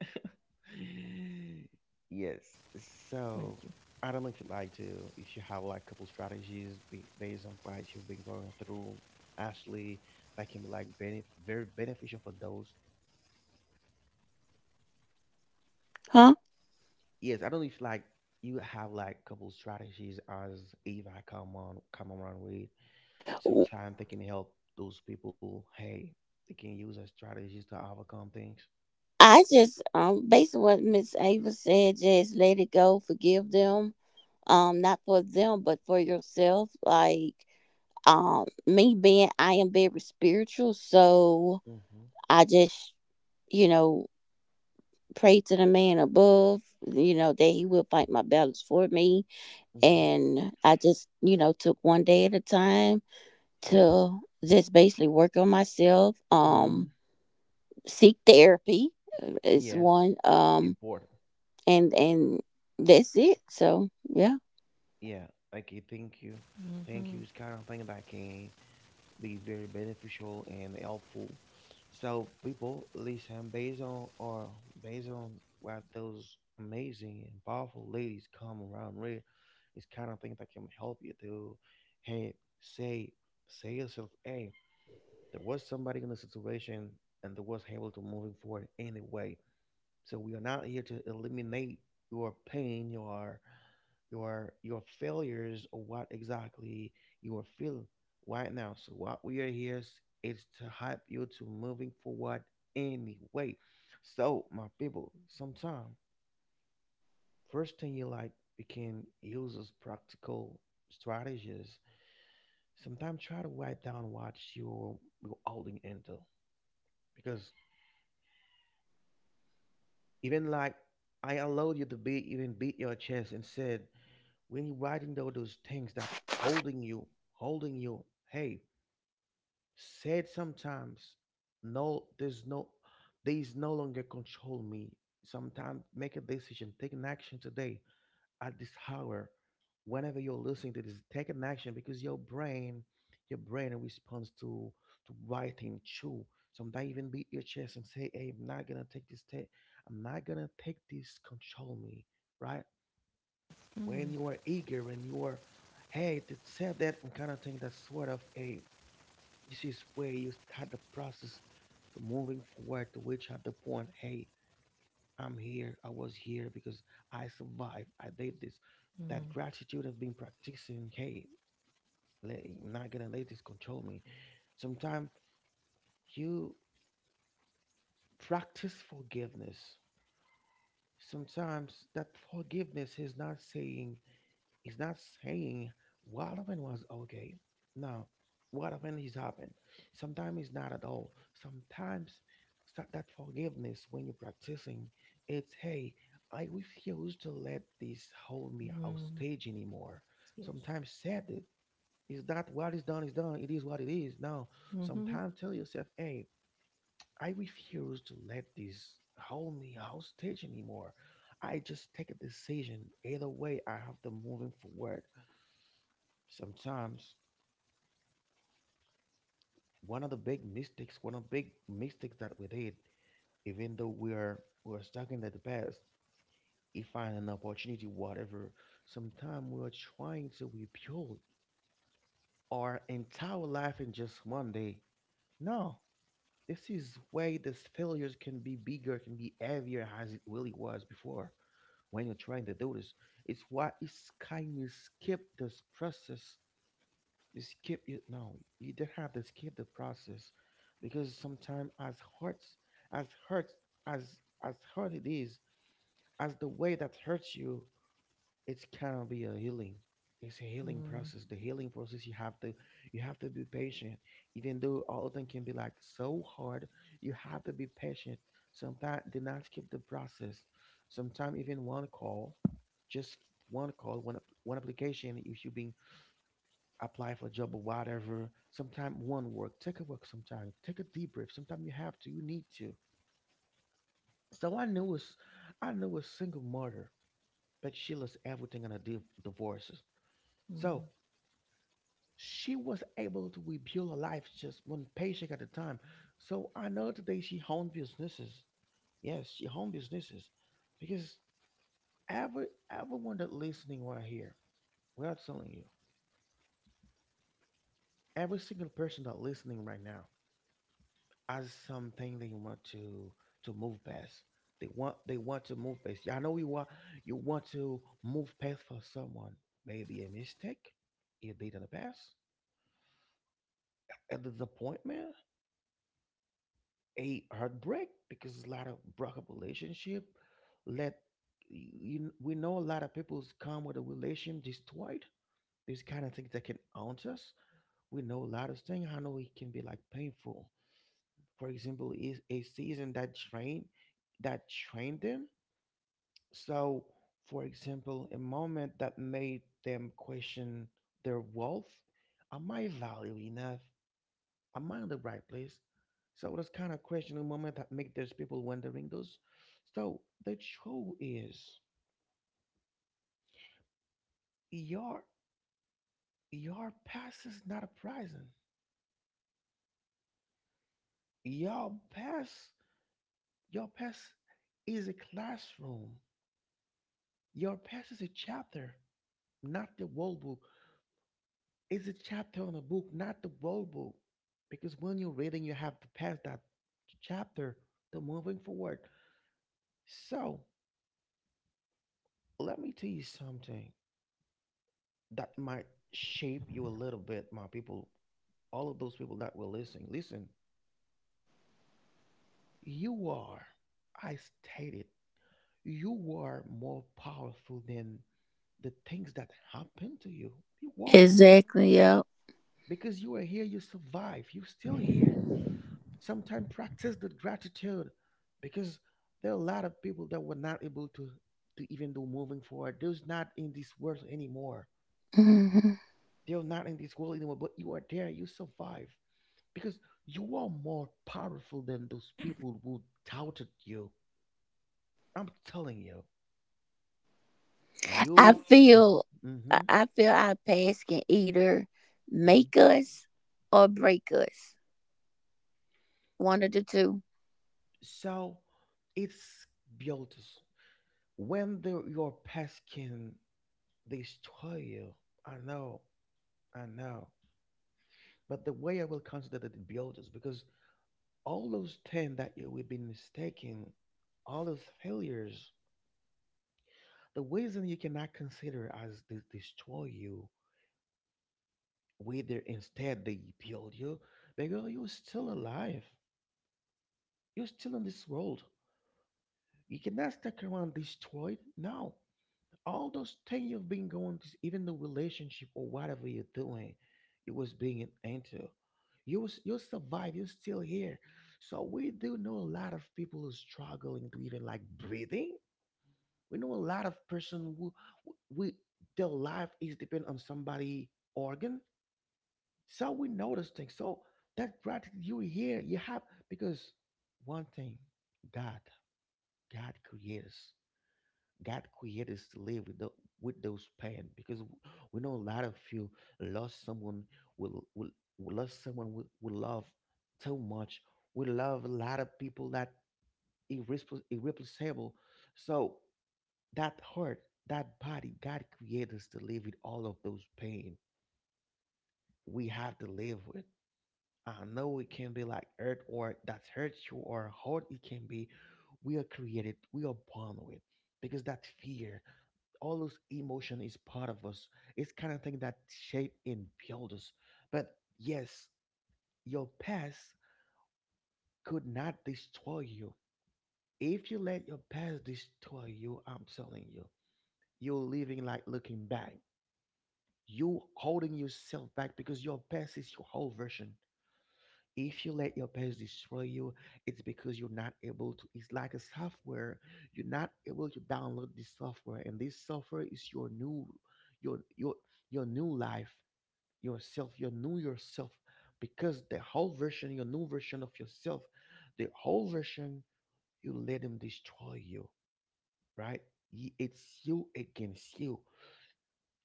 [SPEAKER 1] Yes. So
[SPEAKER 2] Thank
[SPEAKER 1] I don't know if you have like a couple strategies based on what you've been going through, Ashley, that can be like very beneficial for those.
[SPEAKER 3] Huh?
[SPEAKER 1] Yes, I don't know if like you have like a couple strategies as Eva come around with. Sometimes they can help those people. Hey, they can use as strategies to overcome things.
[SPEAKER 3] I just based on what Miss Ava said, just let it go, forgive them. Not for them, but for yourself. Like, me being, I am very spiritual, so
[SPEAKER 1] Mm-hmm.
[SPEAKER 3] I just, you know, pray to the man above, you know, that he will fight my battles for me.
[SPEAKER 1] Mm-hmm.
[SPEAKER 3] And I just, you know, took one day at a time to just basically work on myself.
[SPEAKER 1] Mm-hmm.
[SPEAKER 3] Seek therapy is
[SPEAKER 1] Yes,
[SPEAKER 3] one.
[SPEAKER 1] important.
[SPEAKER 3] And that's it. So yeah.
[SPEAKER 1] Yeah, like I thank you.
[SPEAKER 2] you.
[SPEAKER 1] Thank you
[SPEAKER 2] Mhm.
[SPEAKER 1] is kind of thing that can be very beneficial and helpful. So people listen based on or based on what those amazing and powerful ladies come around with. It's kind of thing that can help you to, hey, say say yourself, hey, there was somebody in the situation and they was able to moving forward anyway. So we are not here to eliminate your pain, your failures, or what exactly you are feeling right now. So what we are here is to help you to moving forward anyway. So my people, sometime first thing you like we can use as practical strategies. Sometimes try to write down what you're holding into because even like I allowed you to be even beat your chest and said when you're writing down those things that holding you, hey, said sometimes, no, there's no, these no longer control me. Sometimes make a decision, take an action today at this hour. Whenever you're listening to this, take an action because your brain responds to writing too. Sometimes even beat your chest and say, "Hey, I'm not gonna take this. I'm not gonna take this. Control me, right? When you are eager, when you are, hey, to say that and kind of thing, that's sort of a, this is where you start the process to moving forward to which at the point, hey, I'm here, I was here because I survived, I did this. That gratitude of being practicing, hey, let, I'm not gonna let this control me. Sometimes you practice forgiveness. Sometimes that forgiveness is not saying It's not saying what happened was okay. No, what happened is happened. Sometimes it's not at all. Sometimes that forgiveness when you're practicing, it's hey, I refuse to let this hold me
[SPEAKER 2] Mhm.
[SPEAKER 1] hostage anymore.
[SPEAKER 2] Yes.
[SPEAKER 1] Sometimes said it's that what is done is done. It is what it is. No,
[SPEAKER 2] Mhm.
[SPEAKER 1] sometimes tell yourself, hey, I refuse to let this hold me hostage anymore. I just take a decision. Either way, I have to moving forward sometimes one of the big mistakes that we did, even though we're stuck in the past, if find an opportunity, whatever. Sometimes we're trying to rebuild our entire life in just one day. No, this is where these failures can be bigger, can be heavier as it really was before. When you're trying to do this, it's why it's kind of skip this process. You skip you no, you didn't have to skip the process because sometimes hurts as hurts as as hurt it is, as the way that hurts you, it's kind of be a healing. It's a healing
[SPEAKER 2] Mhm.
[SPEAKER 1] process. The healing process you have to be patient. Even though all things can be like so hard, you have to be patient. Sometimes do not skip the process. Sometimes even one call, just one call, one application, you should be apply for a job or whatever. Sometimes one work, take a work sometime, take a deep breath. Sometimes you have to, you need to. So I know it's, I know a single mother, but she lost everything in her divorces. So she was able to rebuild her life just one paycheck at a time. So I know today she owned businesses. Yes, she owned businesses because everyone that listening right here, we are telling you, every single person that listening right now, as something they want to move past. They want to move past. Yeah, I know you want to move past for someone. Maybe a mistake, if they done a pass, a disappointment, a heartbreak, because there's a lot of broken relationship. Let you, we know a lot of people's come with a relation destroyed. These kind of things that can haunt us. We know a lot of things. I know it can be like painful. For example, is a season that train that trained them. So, for example, a moment that made them question their wealth. Am I valued enough? Am I in the right place? So those kind of questioning moment that make those people wondering those. So the truth is your your past is not a prison. Your past your past is a classroom. Your past is a chapter, not the whole book. Is a chapter on a book, not the whole book. Because when you're reading, you have to pass that chapter to moving forward. So let me tell you something that might shape you a little bit, my people. All of those people that were listening, listen, you are, I stated, you are more powerful than the things that happen to you. You are.
[SPEAKER 3] Exactly. Yep.
[SPEAKER 1] Because you are here, you survive, you're still here. Sometimes practice the gratitude because there are a lot of people that were not able to even do moving forward. Those not in this world anymore.
[SPEAKER 3] hmm
[SPEAKER 1] They're not in this world anymore, but you are there, you survive. Because you are more powerful than those people who doubted you. I'm telling you.
[SPEAKER 3] I
[SPEAKER 1] You mhm,
[SPEAKER 3] feel. I
[SPEAKER 1] mhm,
[SPEAKER 3] feel our past can either
[SPEAKER 1] mhm.
[SPEAKER 3] make us or break us. One of the two.
[SPEAKER 1] So it's built when the, your past can destroy you. I know, I know. But the way I will consider the builders, because all those 10 that you we've been mistaken, all those failures, the reason you cannot consider as they destroy you, whether instead they build you, because you're still alive. You're still in this world. You cannot stick around destroyed. No. All those things you've been going to, even the relationship or whatever you're doing, you was being into, you was you survive, you're still here. So we do know a lot of people who struggling to even like breathing. We know a lot of person who, we their life is depend on somebody organ. So we know those things. So that gratitude you hear, you have because one thing, God, God creates. God created us to live with the, with those pain because we know a lot of you lost someone will will will lost someone we love too much. We love a lot of people that irreplaceable. So that heart, that body, God created us to live with all of those pain. We have to live with. I know it can be like hurt or that hurts you or hard it can be. We are created, we are born with because that fear. All those emotion is part of us. It's kind of thing that shape and build us. But yes, your past could not destroy you. If you let your past destroy you, I'm telling you, you're living like looking back. You holding yourself back because your past is your whole version. If you let your past destroy you, it's because you're not able to. It's like a software. You're not able to download this software, and this software is your new, your your your new life. Yourself, your new yourself, because the whole version, your new version of yourself, the whole version, you let him destroy you, right? It's you against you.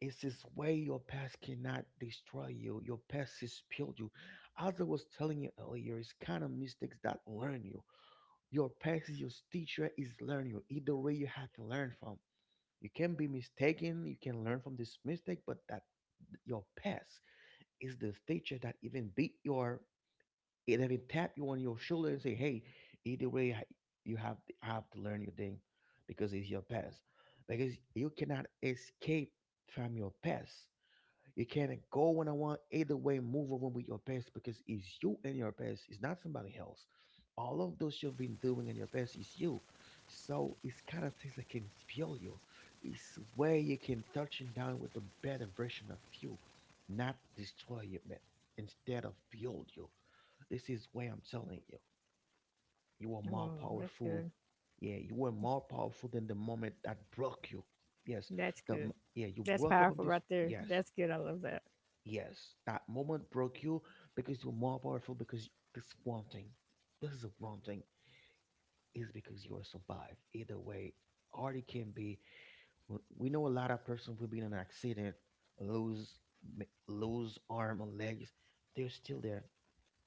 [SPEAKER 1] It's this way your past cannot destroy you. Your past is built you. As I was telling you earlier, it's kind of mistakes that learn you. Your past is your teacher is learn you. Either way, you have to learn from. You can be mistaken. You can learn from this mistake, but that your past is the teacher that even beat your it even tap you on your shoulder and say, "Hey, either way, you have to learn your thing because it's your past. Because you cannot escape from your past. You can't go when I want. Either way, move on with your past because it's you and your past. It's not somebody else. All of those you've been doing in your past is you. So it's kind of things that can heal you. It's where you can touch and down with the better version of you, not destroy you, man. Instead of build you this is where I'm telling you. You are more
[SPEAKER 2] Oh, that's
[SPEAKER 1] powerful.
[SPEAKER 2] good.
[SPEAKER 1] Yeah, you were more powerful than the moment that broke you. Yes.
[SPEAKER 2] That's good.
[SPEAKER 1] Yeah, you
[SPEAKER 2] That's
[SPEAKER 1] broke up on
[SPEAKER 2] powerful
[SPEAKER 1] this.
[SPEAKER 2] right there.
[SPEAKER 1] Yes.
[SPEAKER 2] That's good. I love that.
[SPEAKER 1] Yes. That moment broke you because you're more powerful because this one thing. This is a one thing. Is because you are survived. Either way, hard it can be. We know a lot of persons will be in an accident, lose lose arm and legs. They're still there.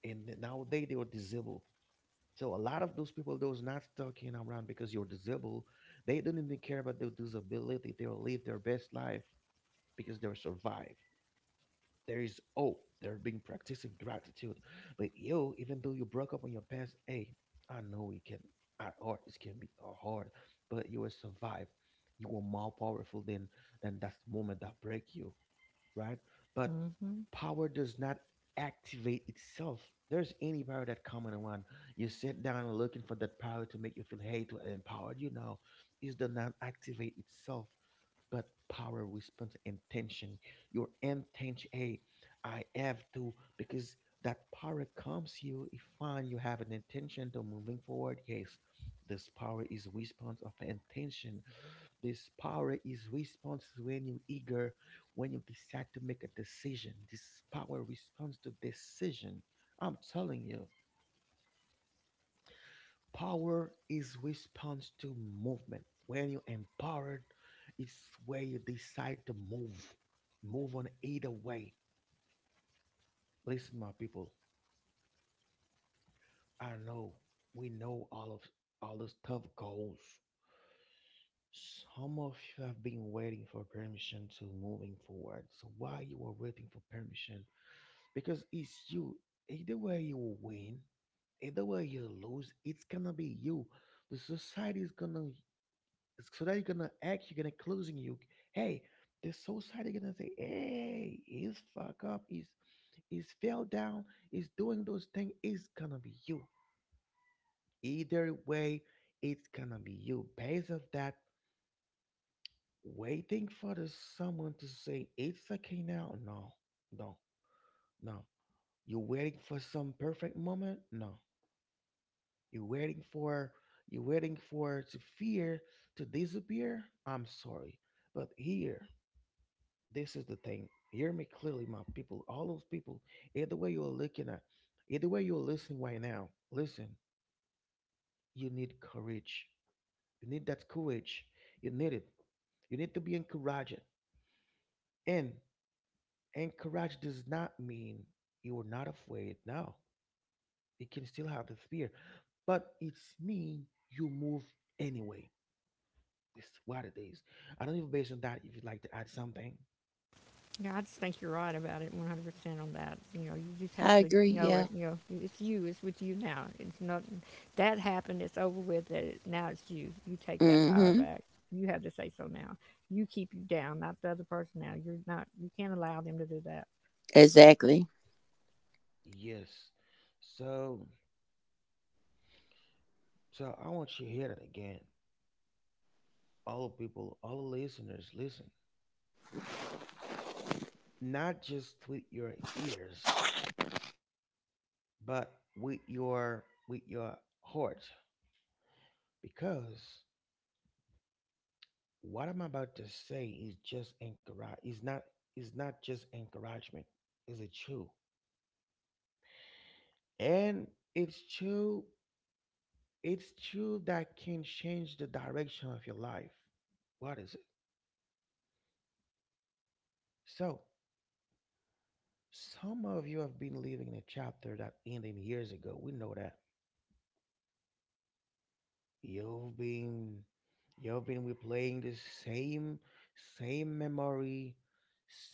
[SPEAKER 1] And nowadays they were disabled. So a lot of those people, those not talking around because you're disabled, they don't even care about their disability. They'll live their best life because they'll survive. There is hope. They're being practicing gratitude. But you, even though you broke up on your past, hey, I know it can at hard it can be hard, but you will survive. You are more powerful than that moment that break you right? But
[SPEAKER 2] Hmm.
[SPEAKER 1] power does not activate itself. There's any power that common one. You sit down and looking for that power to make you feel hey to empowered. You know, it does not activate itself, but power responds to intention. Your intention, hey, I have to because that power comes you if fine you have an intention to moving forward. Yes, this power is a response of intention. This power is response when you're eager, when you decide to make a decision. This power responds to decision. I'm telling you, power is response to movement. When you're empowered, it's where you decide to move. Move on either way. Listen, my people. I know we know all of all those tough goals. Some of you have been waiting for permission to moving forward. So while you are waiting for permission, because it's you. Either way you win, either way you lose, it's gonna be you. The society is gonna so that you're gonna act, you're gonna closing you. Hey, the society gonna say, hey, he's fuck up, he's fell down, he's doing those things, it's gonna be you. Either way, it's gonna be you. Based of that, waiting for the someone to say it's okay now, no, no. You waiting for some perfect moment? No. You're waiting for you're waiting for to fear to disappear. I'm sorry, but here this is the thing. Hear me clearly, my people. All those people, either way you're looking at, either way you're listening right now. Listen, you need courage. You need that courage. You need it. You need to be encouraged. And encourage does not mean you are not afraid. Now you can still have the fear, but it's mean you move anyway. This is what it is. I don't even based on that. If you'd like to add something,
[SPEAKER 2] Yeah, I just think you're right about it, 100% on that. You know, you just have
[SPEAKER 3] I
[SPEAKER 2] to
[SPEAKER 3] agree.
[SPEAKER 2] know
[SPEAKER 3] Yeah.
[SPEAKER 2] it. You know, it's you. It's with you now. It's not that happened. It's over with. That it, now it's you. You take that power
[SPEAKER 3] Mm-hmm.
[SPEAKER 2] back. You have to say so now. You keep you down, not the other person. Now you're not. You can't allow them to do that.
[SPEAKER 3] Exactly.
[SPEAKER 1] yes. So, so, I want you to hear that again. All people, all listeners, listen. Not just with your ears, but with your heart, because what I'm about to say is just encourage. Is not just encouragement. Is it true? And it's true. It's true that can change the direction of your life. What is so, some of you have been living in a chapter that ended years ago. We know that. You've been you've been replaying the same same memory,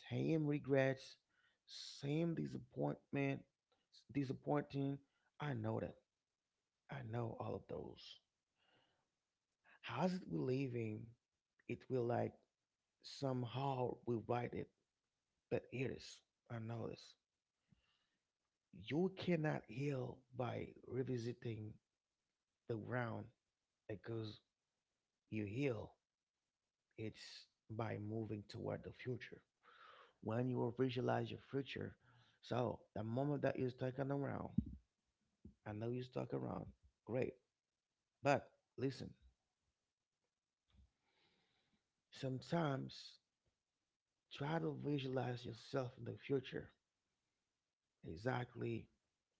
[SPEAKER 1] same regrets, same disappointment, disappointing. I know that. I know all of those. How's it we living? It will like somehow rewrite it. But here it is. I know this. You cannot heal by revisiting the ground that goes you heal. It's by moving toward the future. When you visualize your future, so the moment that you're talking around, I know you're stuck around, great. But listen, sometimes try to visualize yourself in the future. Exactly.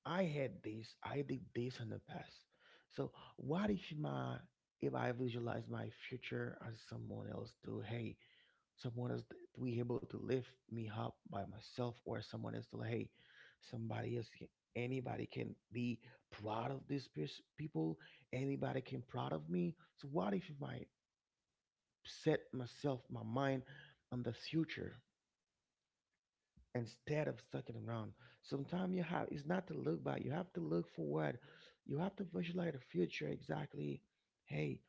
[SPEAKER 1] I had this, I did this in the past. So what if my if I visualize my future as someone else do, hey, someone is to be able to lift me up by myself or someone is to like, hey somebody else can- anybody can be proud of these people anybody can proud of me so what if I set myself my mind on the future instead of sticking around sometimes you have it's not to look back you have to look forward you have to visualize the future exactly hey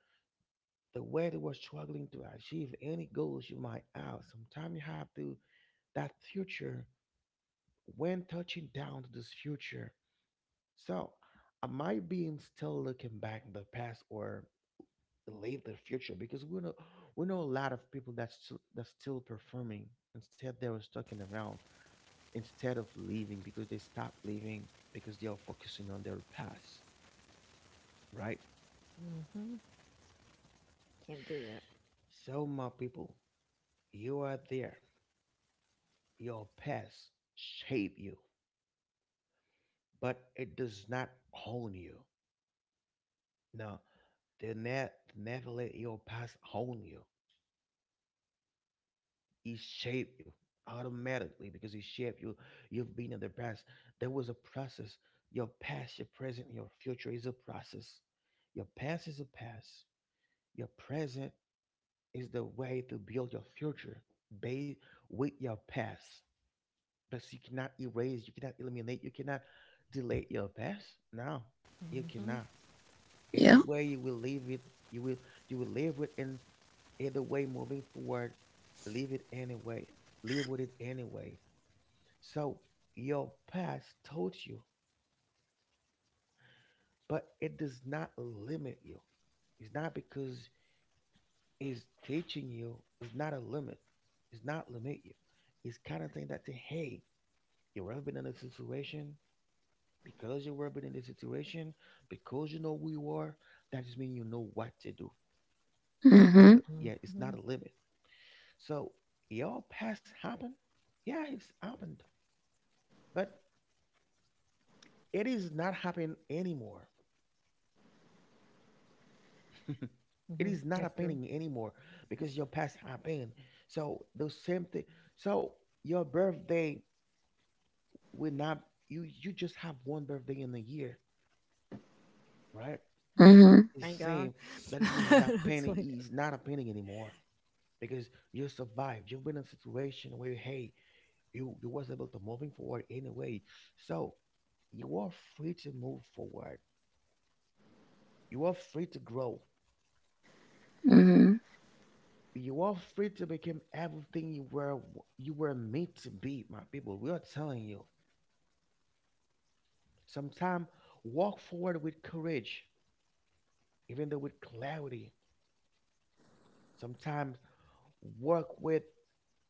[SPEAKER 1] the way they were struggling to achieve any goals you might have sometimes you have to that future when touching down to this future. So, am I being still looking back in the past or late the future? Because we know a lot of people that's that's still performing. Instead, they were stuck in around instead of leaving because they stopped leaving because they are focusing on their past, right?
[SPEAKER 2] Hmm. Can't do that.
[SPEAKER 1] So, my people, you are there. Your past shape you, but it does not own you. No, they ne- never let your past own you. He shaped you automatically because he shaped you. You've been in the past. There was a process. Your past, your present, and your future is a process. Your past is a past. Your present is the way to build your future based with your past. But you cannot erase, you cannot eliminate, you cannot delete your past. No, you
[SPEAKER 2] Hmm.
[SPEAKER 1] cannot either
[SPEAKER 3] Yeah.
[SPEAKER 1] way you will leave it, you will you will live with, and either way moving forward, live it anyway, live with it anyway. So your past taught you, but it does not limit you. It's not because it's teaching you, it's not a limit, it's not limit you. It's kind of thing that say, hey, you've ever been in a situation because you've ever been in this situation. Because you know who you are, that just means you know what to do. It's not
[SPEAKER 3] Mhm.
[SPEAKER 1] a, yeah, it's not
[SPEAKER 2] Hmm.
[SPEAKER 1] a limit. So your past happened. Yeah, it's happened, but it is not happening anymore. It
[SPEAKER 2] Hmm.
[SPEAKER 1] is not
[SPEAKER 2] That's true.
[SPEAKER 1] happening anymore because your past happened. So the same thing. So your birthday will not. You just have one birthday in the year, right?
[SPEAKER 2] Hmm.
[SPEAKER 3] Mhm.
[SPEAKER 1] It's
[SPEAKER 2] Thank God.
[SPEAKER 1] same. That is means that
[SPEAKER 2] I'm
[SPEAKER 1] pain
[SPEAKER 2] just playing.
[SPEAKER 1] is not a pain anymore because you survived. You've been in a situation where, hey, you was able to moving forward anyway. So you are free to move forward. You are free to grow.
[SPEAKER 3] Mhm.
[SPEAKER 1] You are free to become everything you were, you were made to be, my people. We are telling you. Sometimes walk forward with courage, even though with clarity. Sometimes work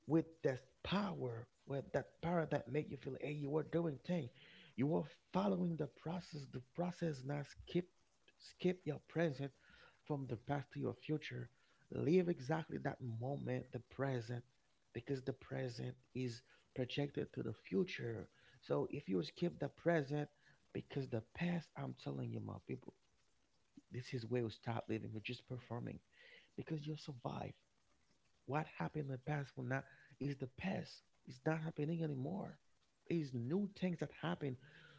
[SPEAKER 1] with this power, with that power that make you feel, hey, you are doing thing, you are following the process. The process not skip, skip your present from the past to your future. Live exactly that moment, the present, because the present is projected to the future. So if you skip the present, because the past, I'm telling you, my people, this is where you start living. You're just performing because you survive. What happened in the past will not is the past. It's not happening anymore. It's new things that happen,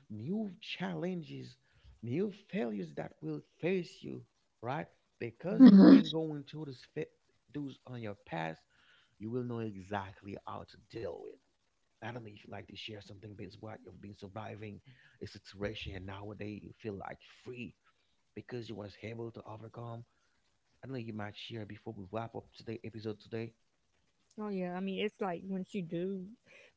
[SPEAKER 1] new challenges, new failures that will face you, right? Because you've
[SPEAKER 3] Mhm.
[SPEAKER 2] Mhm.
[SPEAKER 1] been going through this fit those on your past, you will know exactly how to deal with. I don't know if you like to share something based what you've been surviving a situation and nowadays you feel like free because you was able to overcome. I don't know you might share before we wrap up today episode today.
[SPEAKER 2] Oh yeah, I mean it's like once you do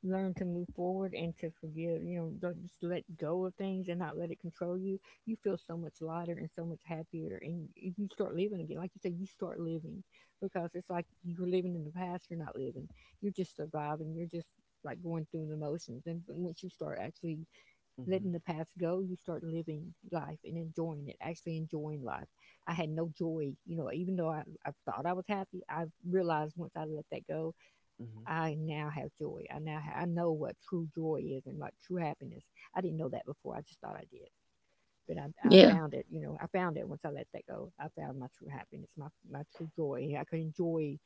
[SPEAKER 2] learn to move forward and to forgive, you know, don't just let go of things and not let it control you. You feel so much lighter and so much happier, and you start living again. Like you said, you start living because it's like you're living in the past. You're not living. You're just surviving. You're just like going through the motions. And once you start actually letting the past go, you start living life and enjoying it, actually enjoying life. I had no joy, you know, even though I thought I was happy, I realized once I let that go,
[SPEAKER 1] Mhm.
[SPEAKER 2] I now have joy. I now ha- I know what true joy is and like true happiness. I didn't know that before. I just thought I did. But I
[SPEAKER 3] Yeah.
[SPEAKER 2] found it, you know, I found it once I let that go. I found my true happiness, my true joy. I could enjoy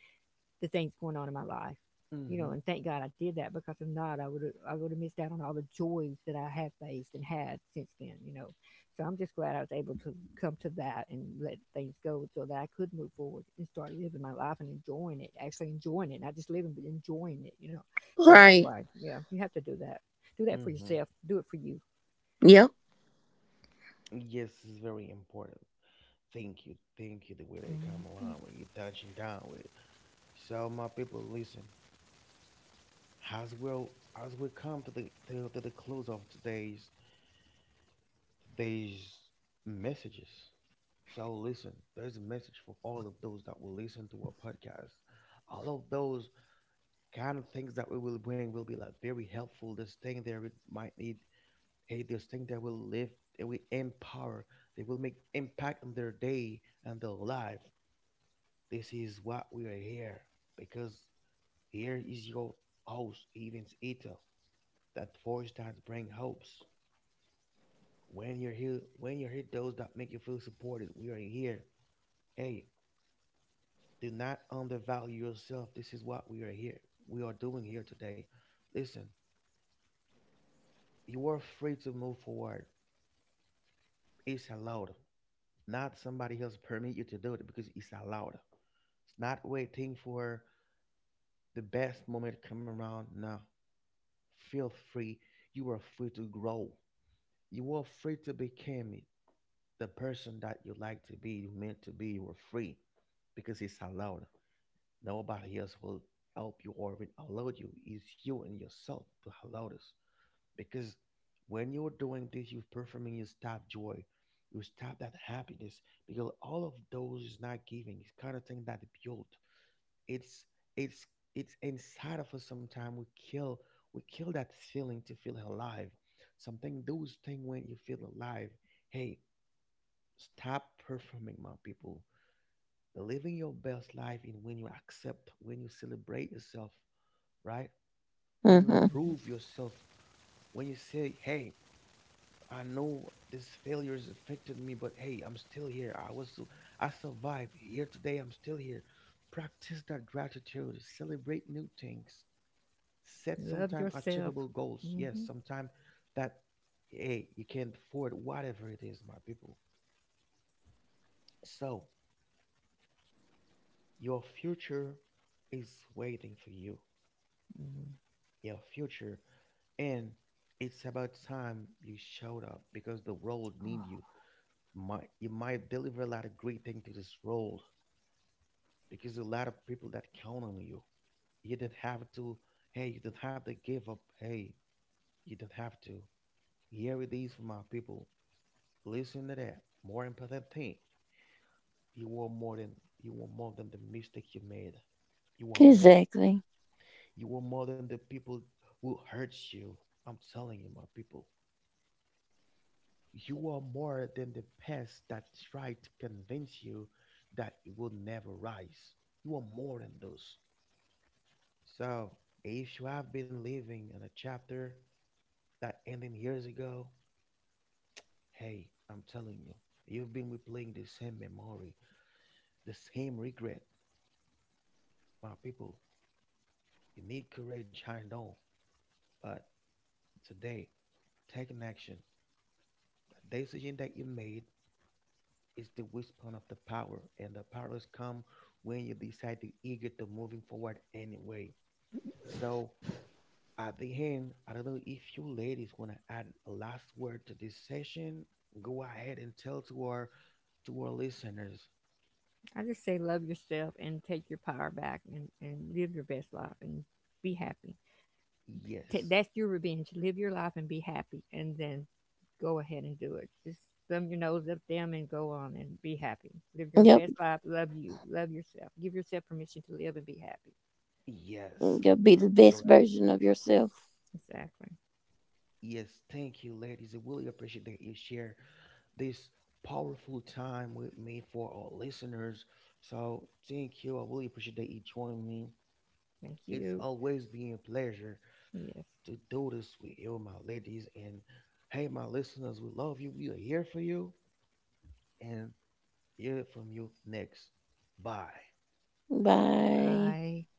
[SPEAKER 2] the things going on in my life. You know,
[SPEAKER 1] Mhm.
[SPEAKER 2] and thank God I did that because if not, I would have missed out on all the joys that I have faced and had since then. You know, so I'm just glad I was able to come to that and let things go so that I could move forward and start living my life and enjoying it, actually enjoying it, not just living but enjoying it. You know, so that's
[SPEAKER 3] Right.
[SPEAKER 2] why yeah, you have to do that. Do that for
[SPEAKER 1] Mhm.
[SPEAKER 2] yourself. Do it for you.
[SPEAKER 3] Yep.
[SPEAKER 1] Yes, it's very important. Thank you. Thank you. The way that you come
[SPEAKER 2] Mhm.
[SPEAKER 1] around, what you're touching down with. So, my people, listen. As we as we come to the close of today's today's messages. So, listen. There's a message for all of those that will listen to our podcast. All of those kind of things that we will bring will be like very helpful. This thing there it might need. Hey, those things that will live, that will empower, they will make impact on their day and their life. This is what we are here because here is your host, Evans Ito, that voice that bring hopes. When you're here, when you hear those that make you feel supported, we are here. Hey, do not undervalue yourself. This is what we are here. We are doing here today. Listen, you are free to move forward. It's allowed. Not somebody else permit you to do it because it's allowed. It's not waiting for the best moment to come around. Now, feel free. You are free to grow. You are free to become the person that you like to be, you meant to be. You are free because it's allowed. Nobody else will help you or even allow you. It's you and yourself to allow this. Because when you're doing this you're performing, you stop joy, you stop that happiness, because all of those is not giving. It's kind of thing that built, it's it's it's inside of us. Sometimes we kill, we kill that feeling to feel alive. Something those thing when you feel alive, hey, stop performing, my people. Living your best life in when you accept, when you celebrate yourself, right? When you
[SPEAKER 3] Mhm.
[SPEAKER 1] approve yourself, when you say, hey, I know this failure has affected me, but hey, I'm still here. I survived. Here today, I'm still here. Practice that gratitude. Celebrate new things. Set
[SPEAKER 2] Love
[SPEAKER 1] sometime
[SPEAKER 2] yourself.
[SPEAKER 1] achievable goals. Yes,
[SPEAKER 2] Hmm.
[SPEAKER 1] sometime that, hey, you can't afford whatever it is, my people. So your future is waiting for you. Your future, and it's about time you showed up because the world need you. Might you might deliver a lot of great thing to this world because a lot of people that count on you. You do not have to. Hey, you do not have to give up. Hey, you do not have to. Here it is for my people. Listen to that. More important thing. You are more than, you are more than the mistake you made. You are more.
[SPEAKER 3] Exactly.
[SPEAKER 1] You are more than the people who hurt you. I'm telling you, my people. You are more than the past that tried to convince you that it will never rise. You are more than those. So, if you have been living in a chapter that ended years ago, hey, I'm telling you, you've been replaying the same memory, the same regret. My people, you need courage, I know, but today, take an action. The decision that you made is the whisper of the power, and the powers come when you decide to eager to moving forward anyway. So, at the end, I don't know if you ladies want to add a last word to this session. Go ahead and tell to our listeners.
[SPEAKER 2] I just say love yourself and take your power back and live your best life and be happy. Ta
[SPEAKER 1] Yes,
[SPEAKER 2] that's your revenge. Live your life and be happy and then go ahead and do it. Just thumb your nose up them and go on and be happy. Live your
[SPEAKER 3] Yep.
[SPEAKER 2] best life. Love you. Love yourself. Give yourself permission to live and be happy.
[SPEAKER 1] yes,
[SPEAKER 3] You'll be the
[SPEAKER 1] all
[SPEAKER 3] best
[SPEAKER 1] right.
[SPEAKER 3] version of yourself.
[SPEAKER 2] Exactly.
[SPEAKER 1] Yes, thank you, ladies. I really appreciate that you share this powerful time with me for our listeners. So thank you. I really appreciate that you joined me.
[SPEAKER 2] Thank
[SPEAKER 1] It's
[SPEAKER 2] you.
[SPEAKER 1] always been a pleasure
[SPEAKER 2] Yes.
[SPEAKER 1] to do this with you, my ladies. And hey, my listeners, we love you. We are here for you. And hear from you next. Bye.
[SPEAKER 3] Bye.
[SPEAKER 2] Bye.